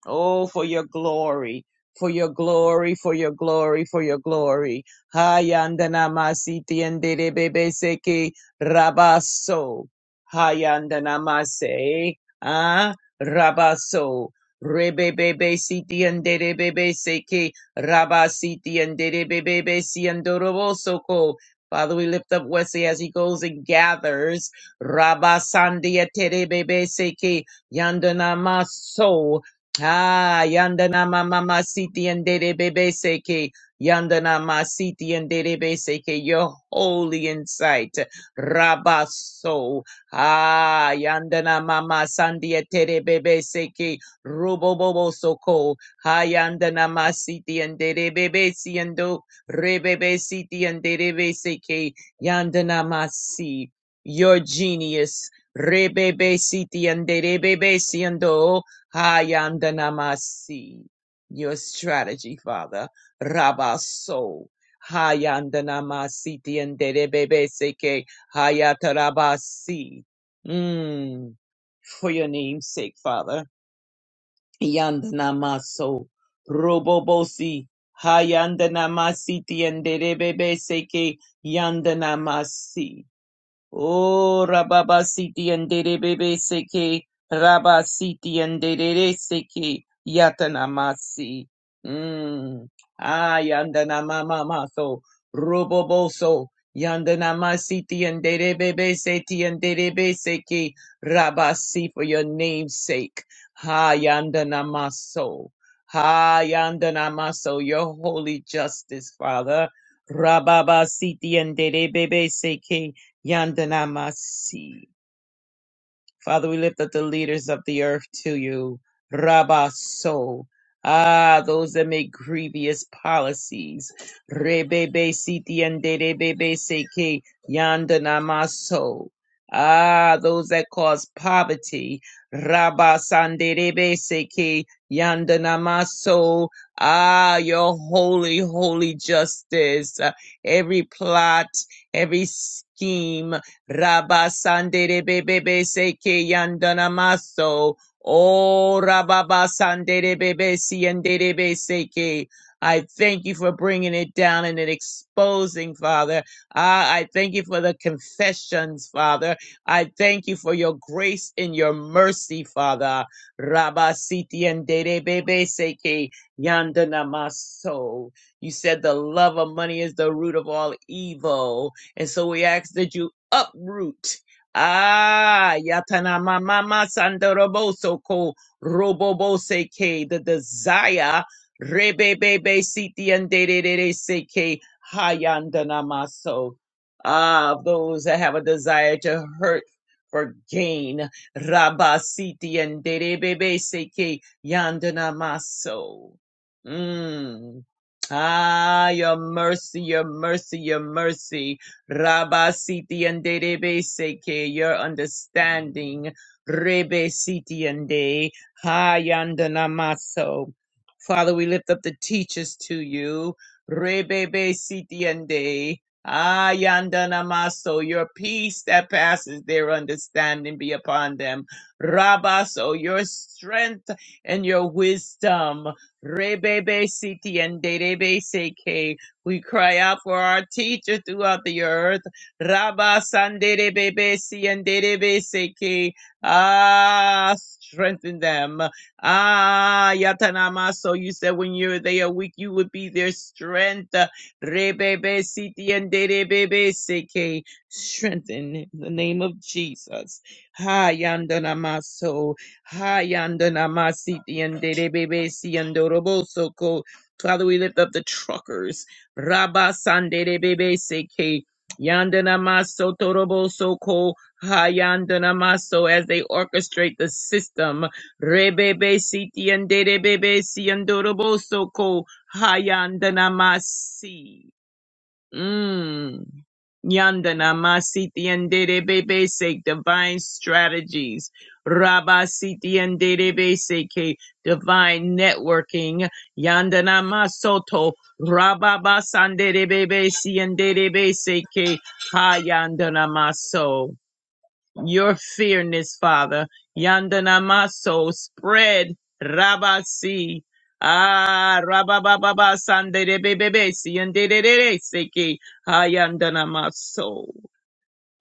Speaker 4: Oh, for your glory, for your glory, for your glory, for your glory. Hayandana Masi Tiendere Bebeseke Rabaso Hayandana Mase. Ah, Rabaso. Rebebebe siti anderebebe seke raba siti anderebebe si andorobosoko. Father, we lift up Wesley as he goes and gathers. Raba sandia terebebe seke yandanama so. Ah, yandanama mama siti anderebebe seke. Yandanama siti anderebebe seke. Your holy insight. Raba so. Ah, yandanama mama sandia terebebe seke. Robobobo soko hayanda namasiti and derebebe siendo rebebe siti and derebe seke yanda namasi. Your genius rebebe siti and derebebe siendo hayanda namasi. Your strategy, Father, rabaso. Hayanda namasiti and derebebe seke hayatarabasi. Mm, for your name's sake, Father. Yandanamaso Robobosi Hayandanamasi Tianderebebe Seke Yandanamasi Oh, Rababasiti and Derebebe Seke, Rabasiti and Derere Seke, Yatanamasi. Mm. Ah, Yandanamamaso, Roboboso, Yandanamasiti and Derebebe Seti and Derebe Seke, Rabasi for your name's sake. Ha, Yandanamaso. Ha, Yandanamaso, your holy justice, Father. Rababasiti and Derebebe Seke, Yandanamasi. Father, we lift up the leaders of the earth to you. Rabaso. Ah, those that make grievous policies. Rebebe siti and rebebe seke yandanamaso. Ah, those that cause poverty. Rabasanderebe seke yandanamaso. Ah, your holy, holy justice. Every plot, every scheme. Rabasandere bebebe seke yandana maso. Oh, rababasandere bebe siandere be seke. I thank you for bringing it down and it exposing, Father. Ah, I thank you for the confessions, Father. I thank you for your grace and your mercy, Father. Rabasiti and Bebe Seke Yandana Maso. You said the love of money is the root of all evil. And so we ask that you uproot. Ah, yatana mama sandoroboso ko robobose ke the desire rebebebe siti and de seke hayandana maso. Ah, of those that have a desire to hurt for gain. Rabasiti and derebebe seke yandana maso. Mm. Ah, your mercy, your mercy, your mercy. Rabba Siti and De Rebe Seke, your understanding. Rebe Siti and De, Hayandanamaso. Father, we lift up the teachers to you. Rebe Siti and De, Ayandanamaso, your peace that passes their understanding be upon them. Rabba, so your strength and your wisdom. Rebe Siti and De Rebe Seke. We cry out for our teacher throughout the earth. Rabba Sandere Bebe Siandere Beseke. Ah, strengthen them. Ah, Yatanama. So you said when you're they are weak, you would be their strength. Rebebe Sitiandere Bebe Seke. Strengthen in the name of Jesus. Ha Yandanama. So Ha Yandanama Sitiandere Bebe Siandoro Bosoko. Father, we lift up the truckers. Rabba Sandere Bebe Seke. Yandana Maso Torobo Soko Hayandana Maso as they orchestrate the system. Rebebe Siti and Dere Bebe Siandorobo Soko Hayandana Masi. Mm. Yandana Masiti and Dede Bebe Sake Divine Strategies. Rabba Siti and Dede Bebe Divine Networking. Yandana Masoto. Rabba Basandere Bebe Si and Dede Bebe Seke Ha yandana Maso your fairness, Father. Yandanamaso spread Rabasi. Ah Rabababa Sande Bebebe Seki Hayandanamaso.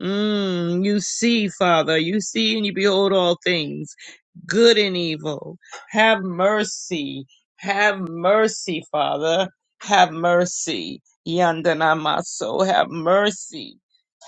Speaker 4: Mm, you see, Father, you see and you behold all things, good and evil. Have mercy. Have mercy, Father. Have mercy. Yandanamaso, have mercy.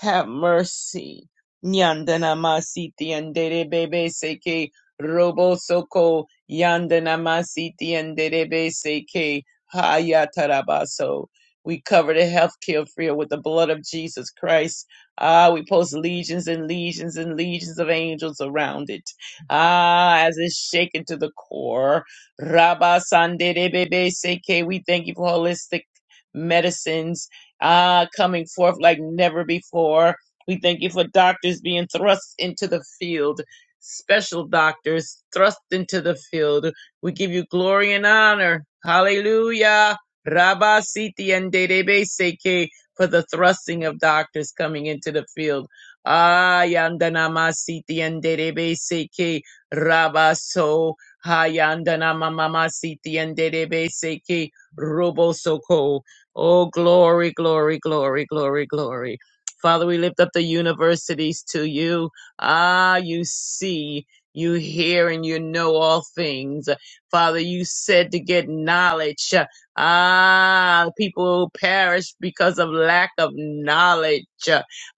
Speaker 4: Have mercy. Yandanamasiti and bebe seke robo soko yandanamasiti and bebe seke hayatarabaso. We cover the healthcare field with the blood of Jesus Christ Ah, we post legions and legions and legions of angels around it. Ah, as it's shaken to the core. Rabba Sandebebe Seke, we thank you for holistic medicines ah coming forth like never before. We thank you for doctors being thrust into the field, special doctors thrust into the field. We give you glory and honor. Hallelujah. Rabba Siti and Dedebe Seke for the thrusting of doctors coming into the field. Ah, yandanamasiti yanderebeseke rabaso. Ha yandanamamasiti seke robosoko. Oh, glory, glory, glory, glory, glory. Father, we lift up the universities to you. Ah, you see, you hear, and you know all things. Father, you said to get knowledge. Ah, people perish because of lack of knowledge.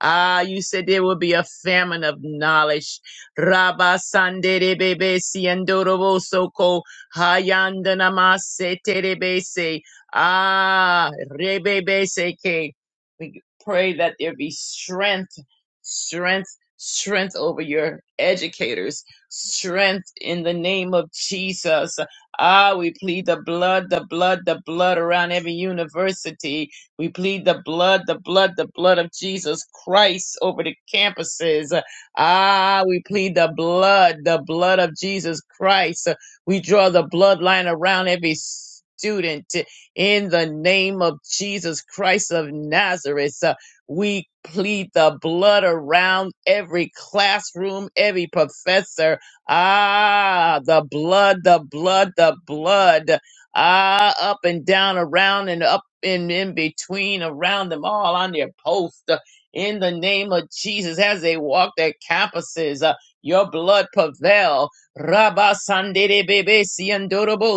Speaker 4: Ah, you said there will be a famine of knowledge. Rabba sandere bebe siendorobo soko hayandanama seterebe se. Ah, rebebe seke. We pray that there be strength, strength, strength over your educators, strength in the name of Jesus. Ah, we plead the blood, the blood, the blood around every university. We plead the blood, the blood, the blood of Jesus Christ over the campuses. Ah, we plead the blood, the blood of Jesus Christ. We draw the bloodline around every student in the name of Jesus Christ of Nazareth. Uh, We plead the blood around every classroom, every professor, Ah, the blood, the blood, the blood. Ah, up and down, around and up and in between, around them all on their post. uh, In the name of Jesus, as they walk their campuses, uh, your blood prevail. Rabba Sandere Bebe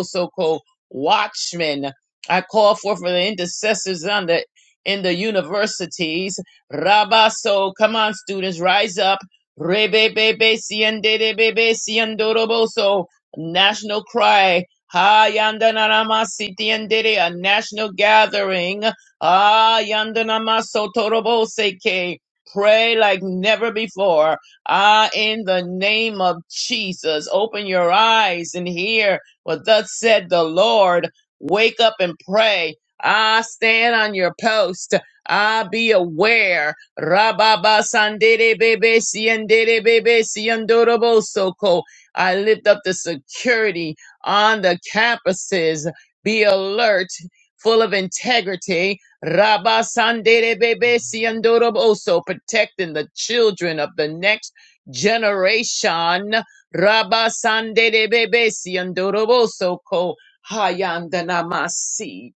Speaker 4: so called watchmen. I call forth for the intercessors on the in the universities. Rabba, so come on, students, rise up Rebebebe siendebebe siendoroboso, national cry. Ha yandanarama sitiendere, a national gathering. Ah yandanama sotoroboseke. Pray like never before. Ah, in the name of Jesus, open your eyes and hear what thus said the Lord. Wake up and pray. Ah, stand on your post. Ah, be aware. Rababa Sandere Bebe Siendere Bebe Siendorobo Soko. I lift up the security on the campuses. Be alert, full of integrity. Rabba Sandere Bebe Siendorobo So protecting the children of the next generation. Rabba Sandere Bebe Siendorobo Soko. Hayandanamasi.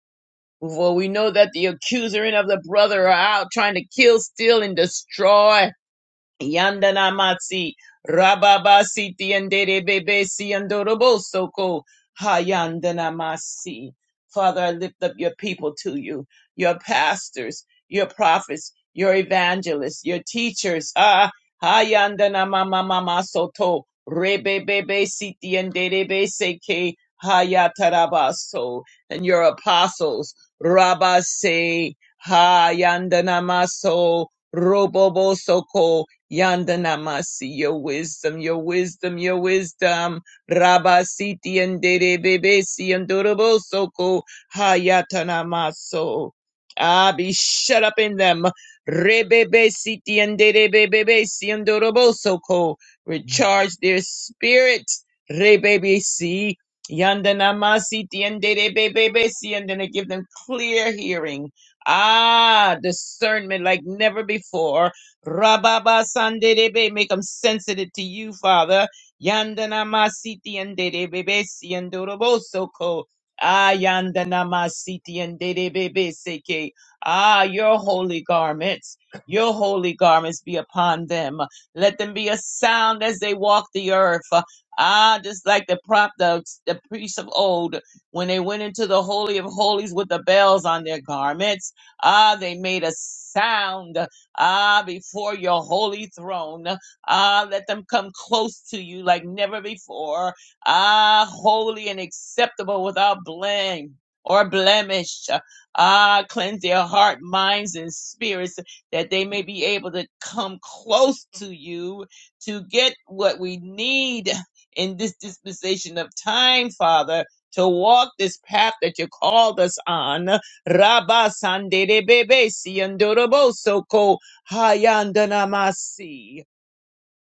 Speaker 4: For we know that the accuser and of the brother are out trying to kill, steal, and destroy. Yandana Matsi, Rababa Siti and dede Bebe Si and ko. Hayandana Masi. Father, I lift up your people to you, your pastors, your prophets, your evangelists, your teachers. Ah, Hayandana Mama Mama Soto, Rebe Bebe Siti and Bebe Seke, Hayatarabaso, and your apostles, Rabase, Hayandana Maso, roboboso ko. Yandanamasi, your wisdom, your wisdom, your wisdom. Rabasiti and Dede Bebesi and Durabosoko Hayatanamaso. Ah, be shut up in them. Rebebesiti and Dede Bebesi and Durabosoko. Recharge their spirit. Rebebesi. Yandanamasiti and Dede Bebesi and then give them clear hearing. Ah, discernment like never before Rababa Sanderebe, make them sensitive to you, Father. Yandana Masiti and Derebebe Siandoroboso Ko. Ah, Yandana Masiti and Derebebe Seke. Ah, your holy garments, your holy garments be upon them. Let them be a sound as they walk the earth. Ah, just like the prop, the, the priests of old, when they went into the Holy of Holies with the bells on their garments. Ah, they made a sound. Ah, before your holy throne. Ah, let them come close to you like never before. Ah, holy and acceptable without blame or blemish. Ah, cleanse their heart, minds, and spirits that they may be able to come close to you to get what we need in this dispensation of time, Father, to walk this path that you called us on. Rabba Sandere Bebe Siandorobo Hayandanamasi.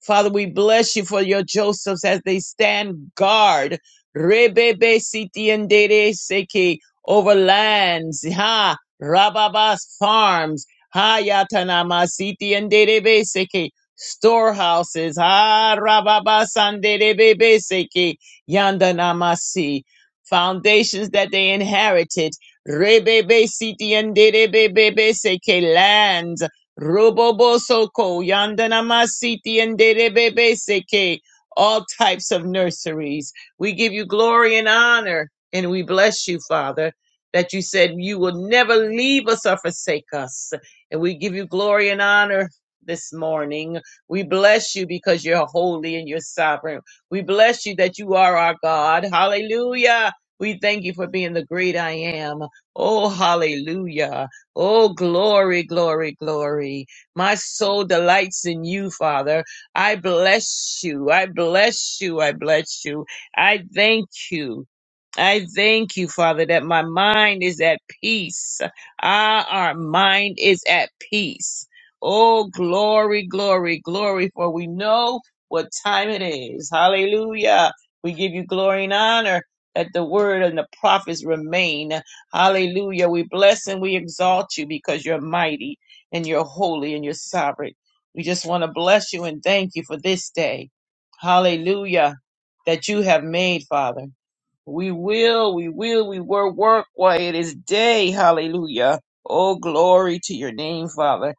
Speaker 4: Father, we bless you for your Josephs as they stand guard. Rebebe sitiendere seki over lands. Ha Rababas farms. Hayatanamasiti and derebe seki storehouses. Ha Rababas and derebe seki yandanamasi. Foundations that they inherited. Rebebe siti and derebe seki lands. Robobosoko, Yandanamasiti, and Derebebeseke, all types of nurseries. We give you glory and honor, and we bless you, Father, that you said you will never leave us or forsake us. And we give you glory and honor this morning. We bless you because you're holy and you're sovereign. We bless you that you are our God. Hallelujah. We thank you for being the great I am. Oh, hallelujah. Oh, glory, glory, glory. My soul delights in you, Father. I bless you. I bless you. I bless you. I thank you. I thank you, Father, that my mind is at peace. Ah, our mind is at peace. Oh, glory, glory, glory, for we know what time it is. Hallelujah. We give you glory and honor that the word and the prophets remain. Hallelujah. We bless and we exalt you because you're mighty and you're holy and you're sovereign. We just want to bless you and thank you for this day. Hallelujah. That you have made, Father. We will, we will, we will work while it is day. Hallelujah. Oh, glory to your name, Father.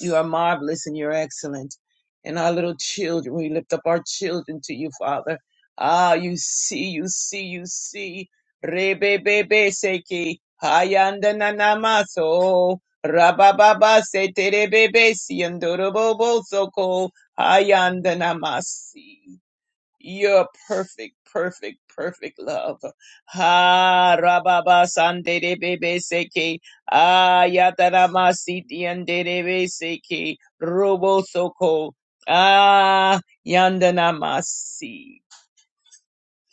Speaker 4: You are marvelous and you're excellent. And our little children, we lift up our children to you, Father. Ah, you see, you see, you see. Rebebebe seki. Hayanda nanamaso. Rabababa se terebebe si andorobobo soko. Hayanda namasi your perfect, perfect, perfect love. Ha rababa sande de bebe seke ayatarama siti ande de be seke robo soko ah yandanamasi.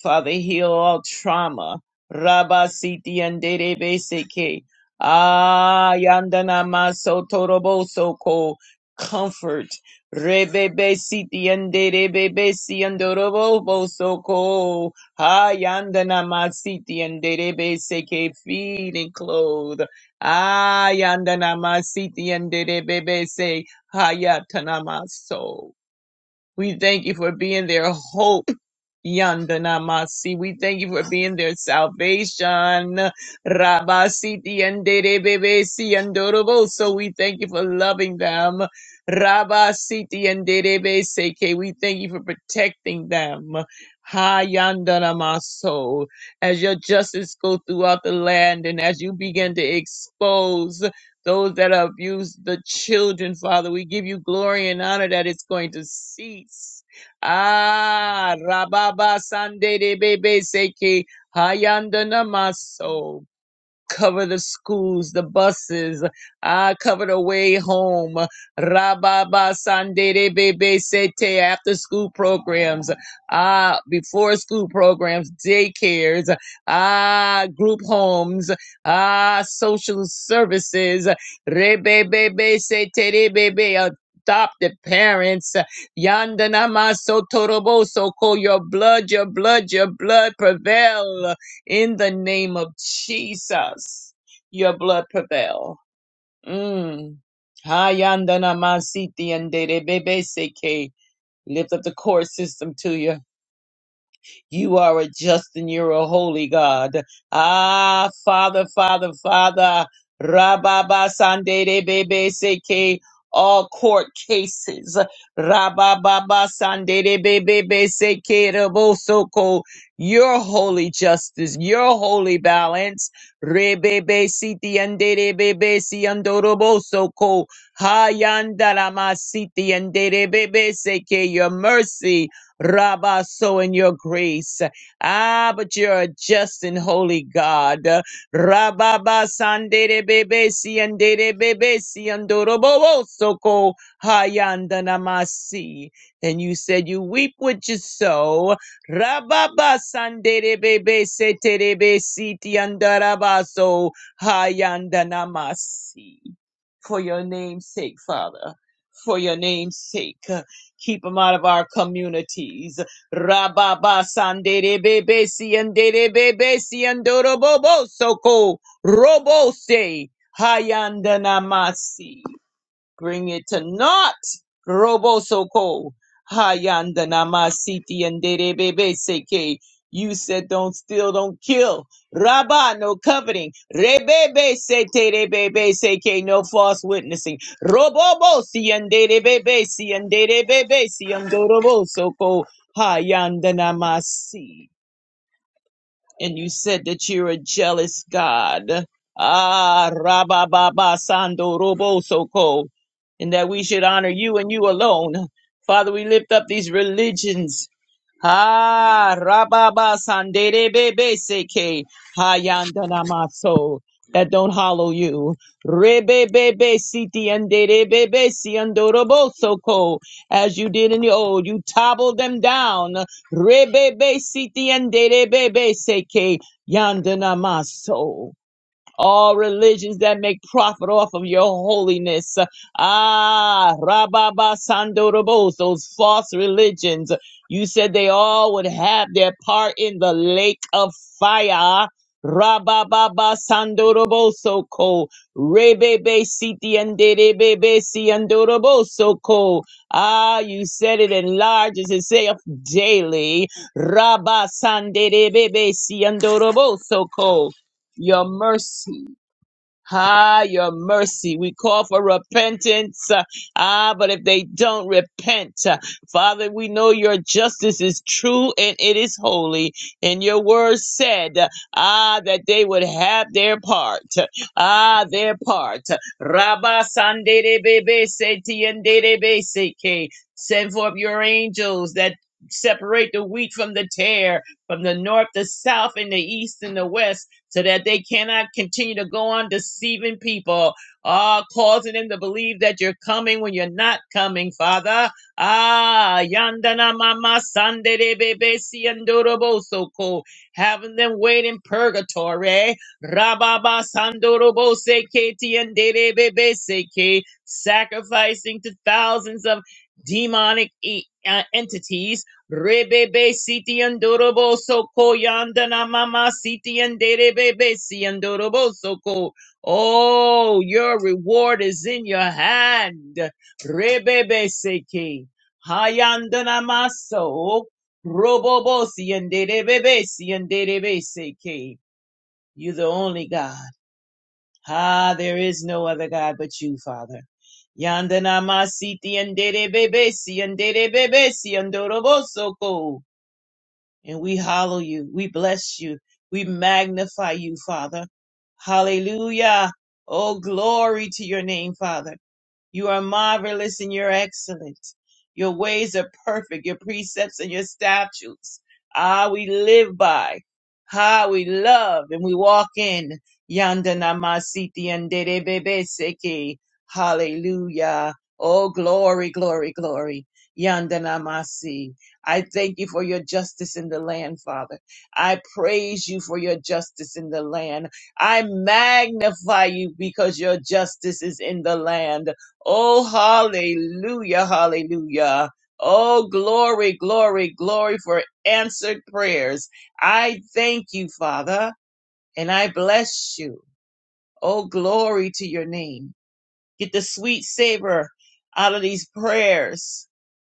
Speaker 4: Father, heal all trauma. Rabba siti andere beseke. Ah, yandana maso torobo soko. Comfort. Rebebe siti andere bebesi andorobo soko. Ah, yandana masiti andere beseke. Feed and clothe. Ah, yandana masiti andere bebese. Hayatanamaso. We thank you for being their hope. yanda namasi. We thank you for being their salvation. Rabasiti and Derebebesi and Dorobo. So we thank you for loving them. Rabasiti and Derebeseke. We thank you for protecting them. ha yanda namaso. As your justice go throughout the land and as you begin to expose those that abuse the children, Father. We give you glory and honor that it's going to cease. Ah, Rababa Sande de Bebe Seke Hayandana Cover the schools, the buses. Ah, cover the way home. Rababa Sandere Bebe Sete after school programs. Ah, before school programs, daycares. Ah, group homes. Ah, social services. Rebebebe Sete Rebebe. Adopted parents. Yandanama Sotorobo so call Your blood, your blood, your blood prevail. In the name of Jesus, your blood prevail. Mm. Hayandana masiti and Lift up the core system to you. You are a just and you're a holy God. Ah, Father, Father, Father. Rababa Sande de Bebe Seke. All court cases. Rababa Sande de Bebe Seke Rabosoko. Your holy justice, your holy balance. Rebebe Siti and de Bebe Si Andorobosoko. Hayandarama Siti and de Bebe Seke. Your mercy. Rabba, so in your grace. Ah, but you're a just and holy God. Rabba, ba, sandere, bebe, siandere, bebe, siandorobo, soko, hayanda namasi. And you said you weep what you sow. Rabba, ba, sandere, bebe, setere, be, hayanda namasi. For your name's sake, Father. For your name's sake. Keep them out of our communities. Rababa sandere bebe siandere bebe siandoro bobo soko robo se hayandanamasi bring it to naught. Robo soko hayandana masiti and bebe seke. You said don't steal, don't kill. Rabba, no coveting. Rebebe sete rebebe seke, no false witnessing. Robobo si and bebe si and bebe si and robo soko hayandana and you said that you're a jealous God. Ah, Rabababa Sando Robo Soko, and that we should honor you and you alone. Father, we lift up these religions Ah, Rababa Sandere Bebe Seke Hayandana Maso. That don't hollow you. Rebe bebe siti andere bebe si andorobo soko. As you did in the old, you toppled them down. Rebe siti andere bebe seke yandana maso all religions that make profit off of your holiness. Ah, Rababa Sandorobos, those false religions. You said they all would have their part in the lake of fire. Rabababa Sandoroboso ko Rebebe Siti and Rebebe Siandoroboso ko. Ah, you said it in large as itself daily. Rabba Sande Rebebe Siandoroboso ko your mercy. Ah, your mercy. We call for repentance. uh, Ah, but if they don't repent, uh, Father, we know your justice is true and it is holy. And your word said, uh, ah, that they would have their part. Ah, their part. Rabba Sanderebebe Setienderebe Seke. Send forth your angels that separate the wheat from the tare, from the north, the south, and the east and the west so that they cannot continue to go on deceiving people, ah, uh, causing them to believe that you're coming when you're not coming, Father. Ah, yandana mama Sunday de bebe si andorobo soko, having them wait in purgatory. Rababa sandorobo se keti and de bebe seke, sacrificing to thousands of demonic e- uh, entities Rebebe siti andorobo soko yandana mama siti anderebebe si andorobo soko. Oh, your reward is in your hand. Rebebe seki. Hayandana maso. Robobo si anderebebe si anderebe seki. You the only God. Ah, there is no other God but you, Father. Yandana masiti anderebebe si anderebebe si andorobo soko and we hallow you. We bless you. We magnify you, Father. Hallelujah. Oh, glory to your name, Father. You are marvelous and you're excellent. Your ways are perfect, your precepts and your statutes. Ah, we live by. Ah, we love and we walk in. Yanda namasiti and bebe seki. Hallelujah. Oh, glory, glory, glory. Yanda namasi. I thank you for your justice in the land, Father. I praise you for your justice in the land. I magnify you because your justice is in the land. Oh, hallelujah, hallelujah. Oh, glory, glory, glory for answered prayers. I thank you, Father, and I bless you. Oh, glory to your name. Get the sweet savor out of these prayers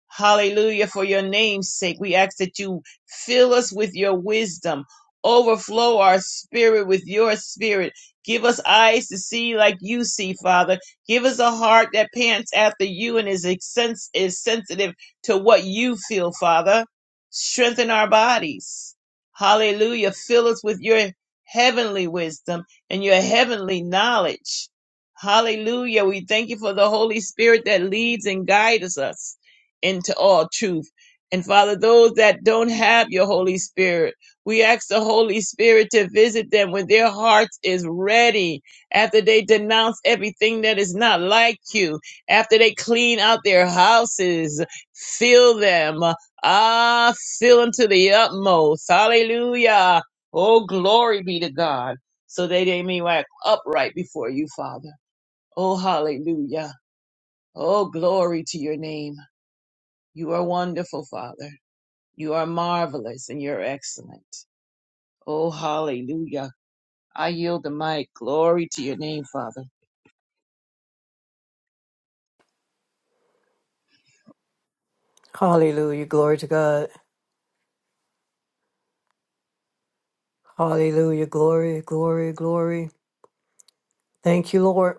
Speaker 4: Hallelujah. For your name's sake, we ask that you fill us with your wisdom, overflow our spirit with your spirit. Give us eyes to see like you see, Father. Give us a heart that pants after you and is, sens- is sensitive to what you feel, Father. Strengthen our bodies. Hallelujah. Fill us with your heavenly wisdom and your heavenly knowledge. Hallelujah. We thank you for the Holy Spirit that leads and guides us into all truth. And Father, those that don't have your Holy Spirit, we ask the Holy Spirit to visit them when their hearts is ready, after they denounce everything that is not like you, after they clean out their houses, fill them, ah, fill them to the utmost. Hallelujah. Oh, glory be to God. So that they may walk upright before you, Father. Oh, hallelujah. Oh, glory to your name. You are wonderful, Father. You are marvelous and you're excellent. Oh, hallelujah. I yield the mic. Glory to your name, Father.
Speaker 1: God. Hallelujah. Glory, glory, glory. Thank you, Lord.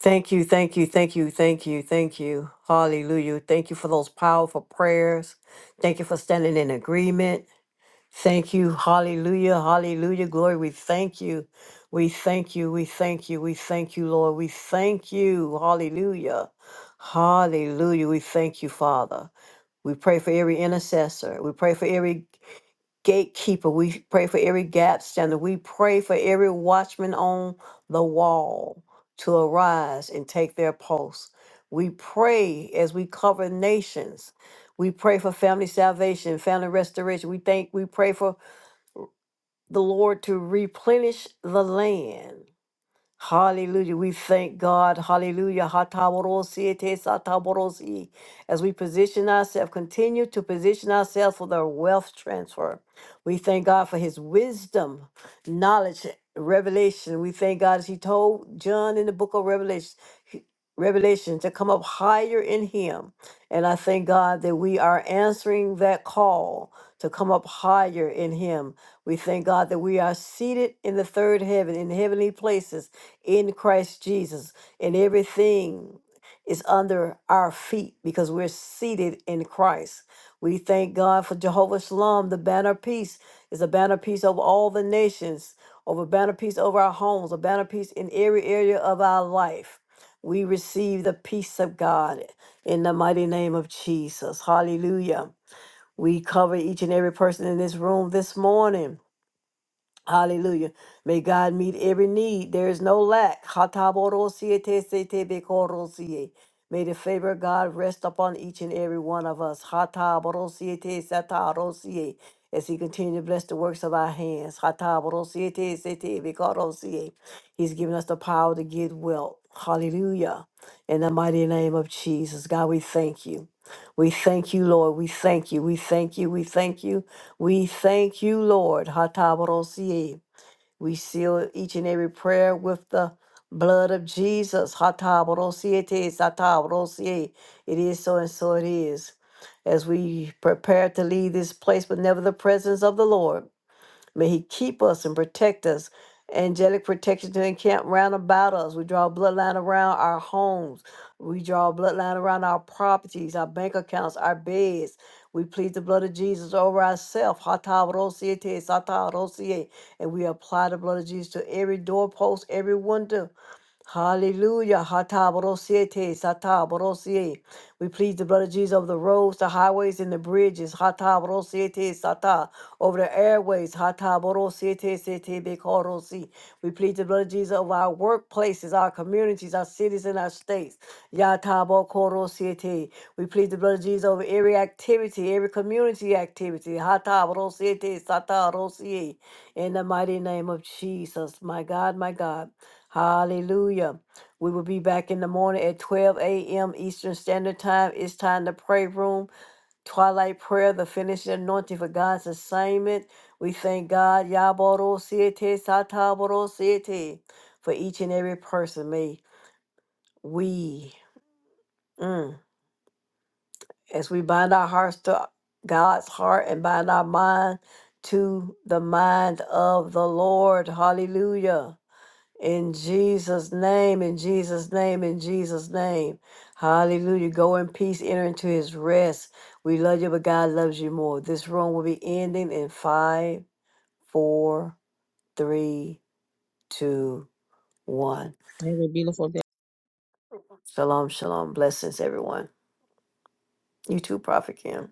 Speaker 1: Thank you, thank you, thank you, thank you, thank you. Hallelujah. Thank you for those powerful prayers. Thank you for standing in agreement. Thank you. Hallelujah. Hallelujah. Glory. We thank you. We thank you. We thank you. We thank you, Lord. We thank you. Hallelujah. Hallelujah. We thank you, Father. We pray for every intercessor. We pray for every gatekeeper. We pray for every gap stander. We pray for every watchman on the wall to arise and take their post. We pray as we cover nations. We pray for family salvation, family restoration. We thank we pray for the Lord to replenish the land. Hallelujah. We thank God. Hallelujah. Hataborosi, ete sataborosi. As we position ourselves, continue to position ourselves for the wealth transfer. We thank God for his wisdom, knowledge, revelation. We thank God as he told John in the book of Revelation. he- Revelation to come up higher in Him. And I thank God that we are answering that call to come up higher in Him. We thank God that we are seated in the third heaven, in heavenly places in Christ Jesus, and everything is under our feet because we're seated in Christ. We thank God for Jehovah Shalom. The banner of peace is a banner of peace over all the nations, over banner of peace over our homes, a banner of peace in every area of our life. We receive the peace of God in the mighty name of Jesus. Hallelujah. We cover each and every person in this room this morning. Hallelujah. May God meet every need. There is no lack. Hatabodosie tesetebekorosie. May the favor of God rest upon each and every one of us. Hatabodosie tesatarosie. As He continues to bless the works of our hands. Hatabodosie tesetebekorosie. He's given us the power to get wealth. Hallelujah. In the mighty name of Jesus, God, we thank you. We thank you, Lord. We thank you. We thank you. We thank you. We thank you, Lord. Hatabarosie. We seal each and every prayer with the blood of Jesus. Hatabrosiete, satabrosie. It is so and so it is. As we prepare to leave this place, but never the presence of the Lord. May He keep us and protect us. Angelic protection to encamp round about us. We draw a bloodline around our homes. We draw a bloodline around our properties, our bank accounts, our beds. We plead the blood of Jesus over ourselves. And we apply the blood of Jesus to every doorpost, every window, Hallelujah. Hata borosiete, Hatabarosiete, borosie. We plead the blood of Jesus over the roads, the highways, and the bridges. Hata borosiete, sata. Over the airways. Hata borosiete, sete, bekorosi. We plead the blood of Jesus over our workplaces, our communities, our cities, and our states. Yata Yatabokorosiete. We plead the blood of Jesus over every activity, every community activity. Hata borosiete, Hatabarosiete, satarosie. In the mighty name of Jesus. My God, my God. Hallelujah. We will be back in the morning at 12 a.m. Eastern Standard Time. It's time to pray room, twilight prayer, the finishing anointing for God's assignment. We thank God, Yaboro Siete, Sataboro Siete, for each and every person. May we, mm, as we bind our hearts to God's heart and bind our mind to the mind of the Lord. Hallelujah. In Jesus' name, in Jesus' name, in Jesus' name. Hallelujah. Go in peace, enter into his rest. We love you, but God loves you more. This room will be ending in five, four, three, two, one.
Speaker 4: Amen. Beautiful.
Speaker 1: Shalom, shalom. Blessings, everyone. You too, Prophet Kim.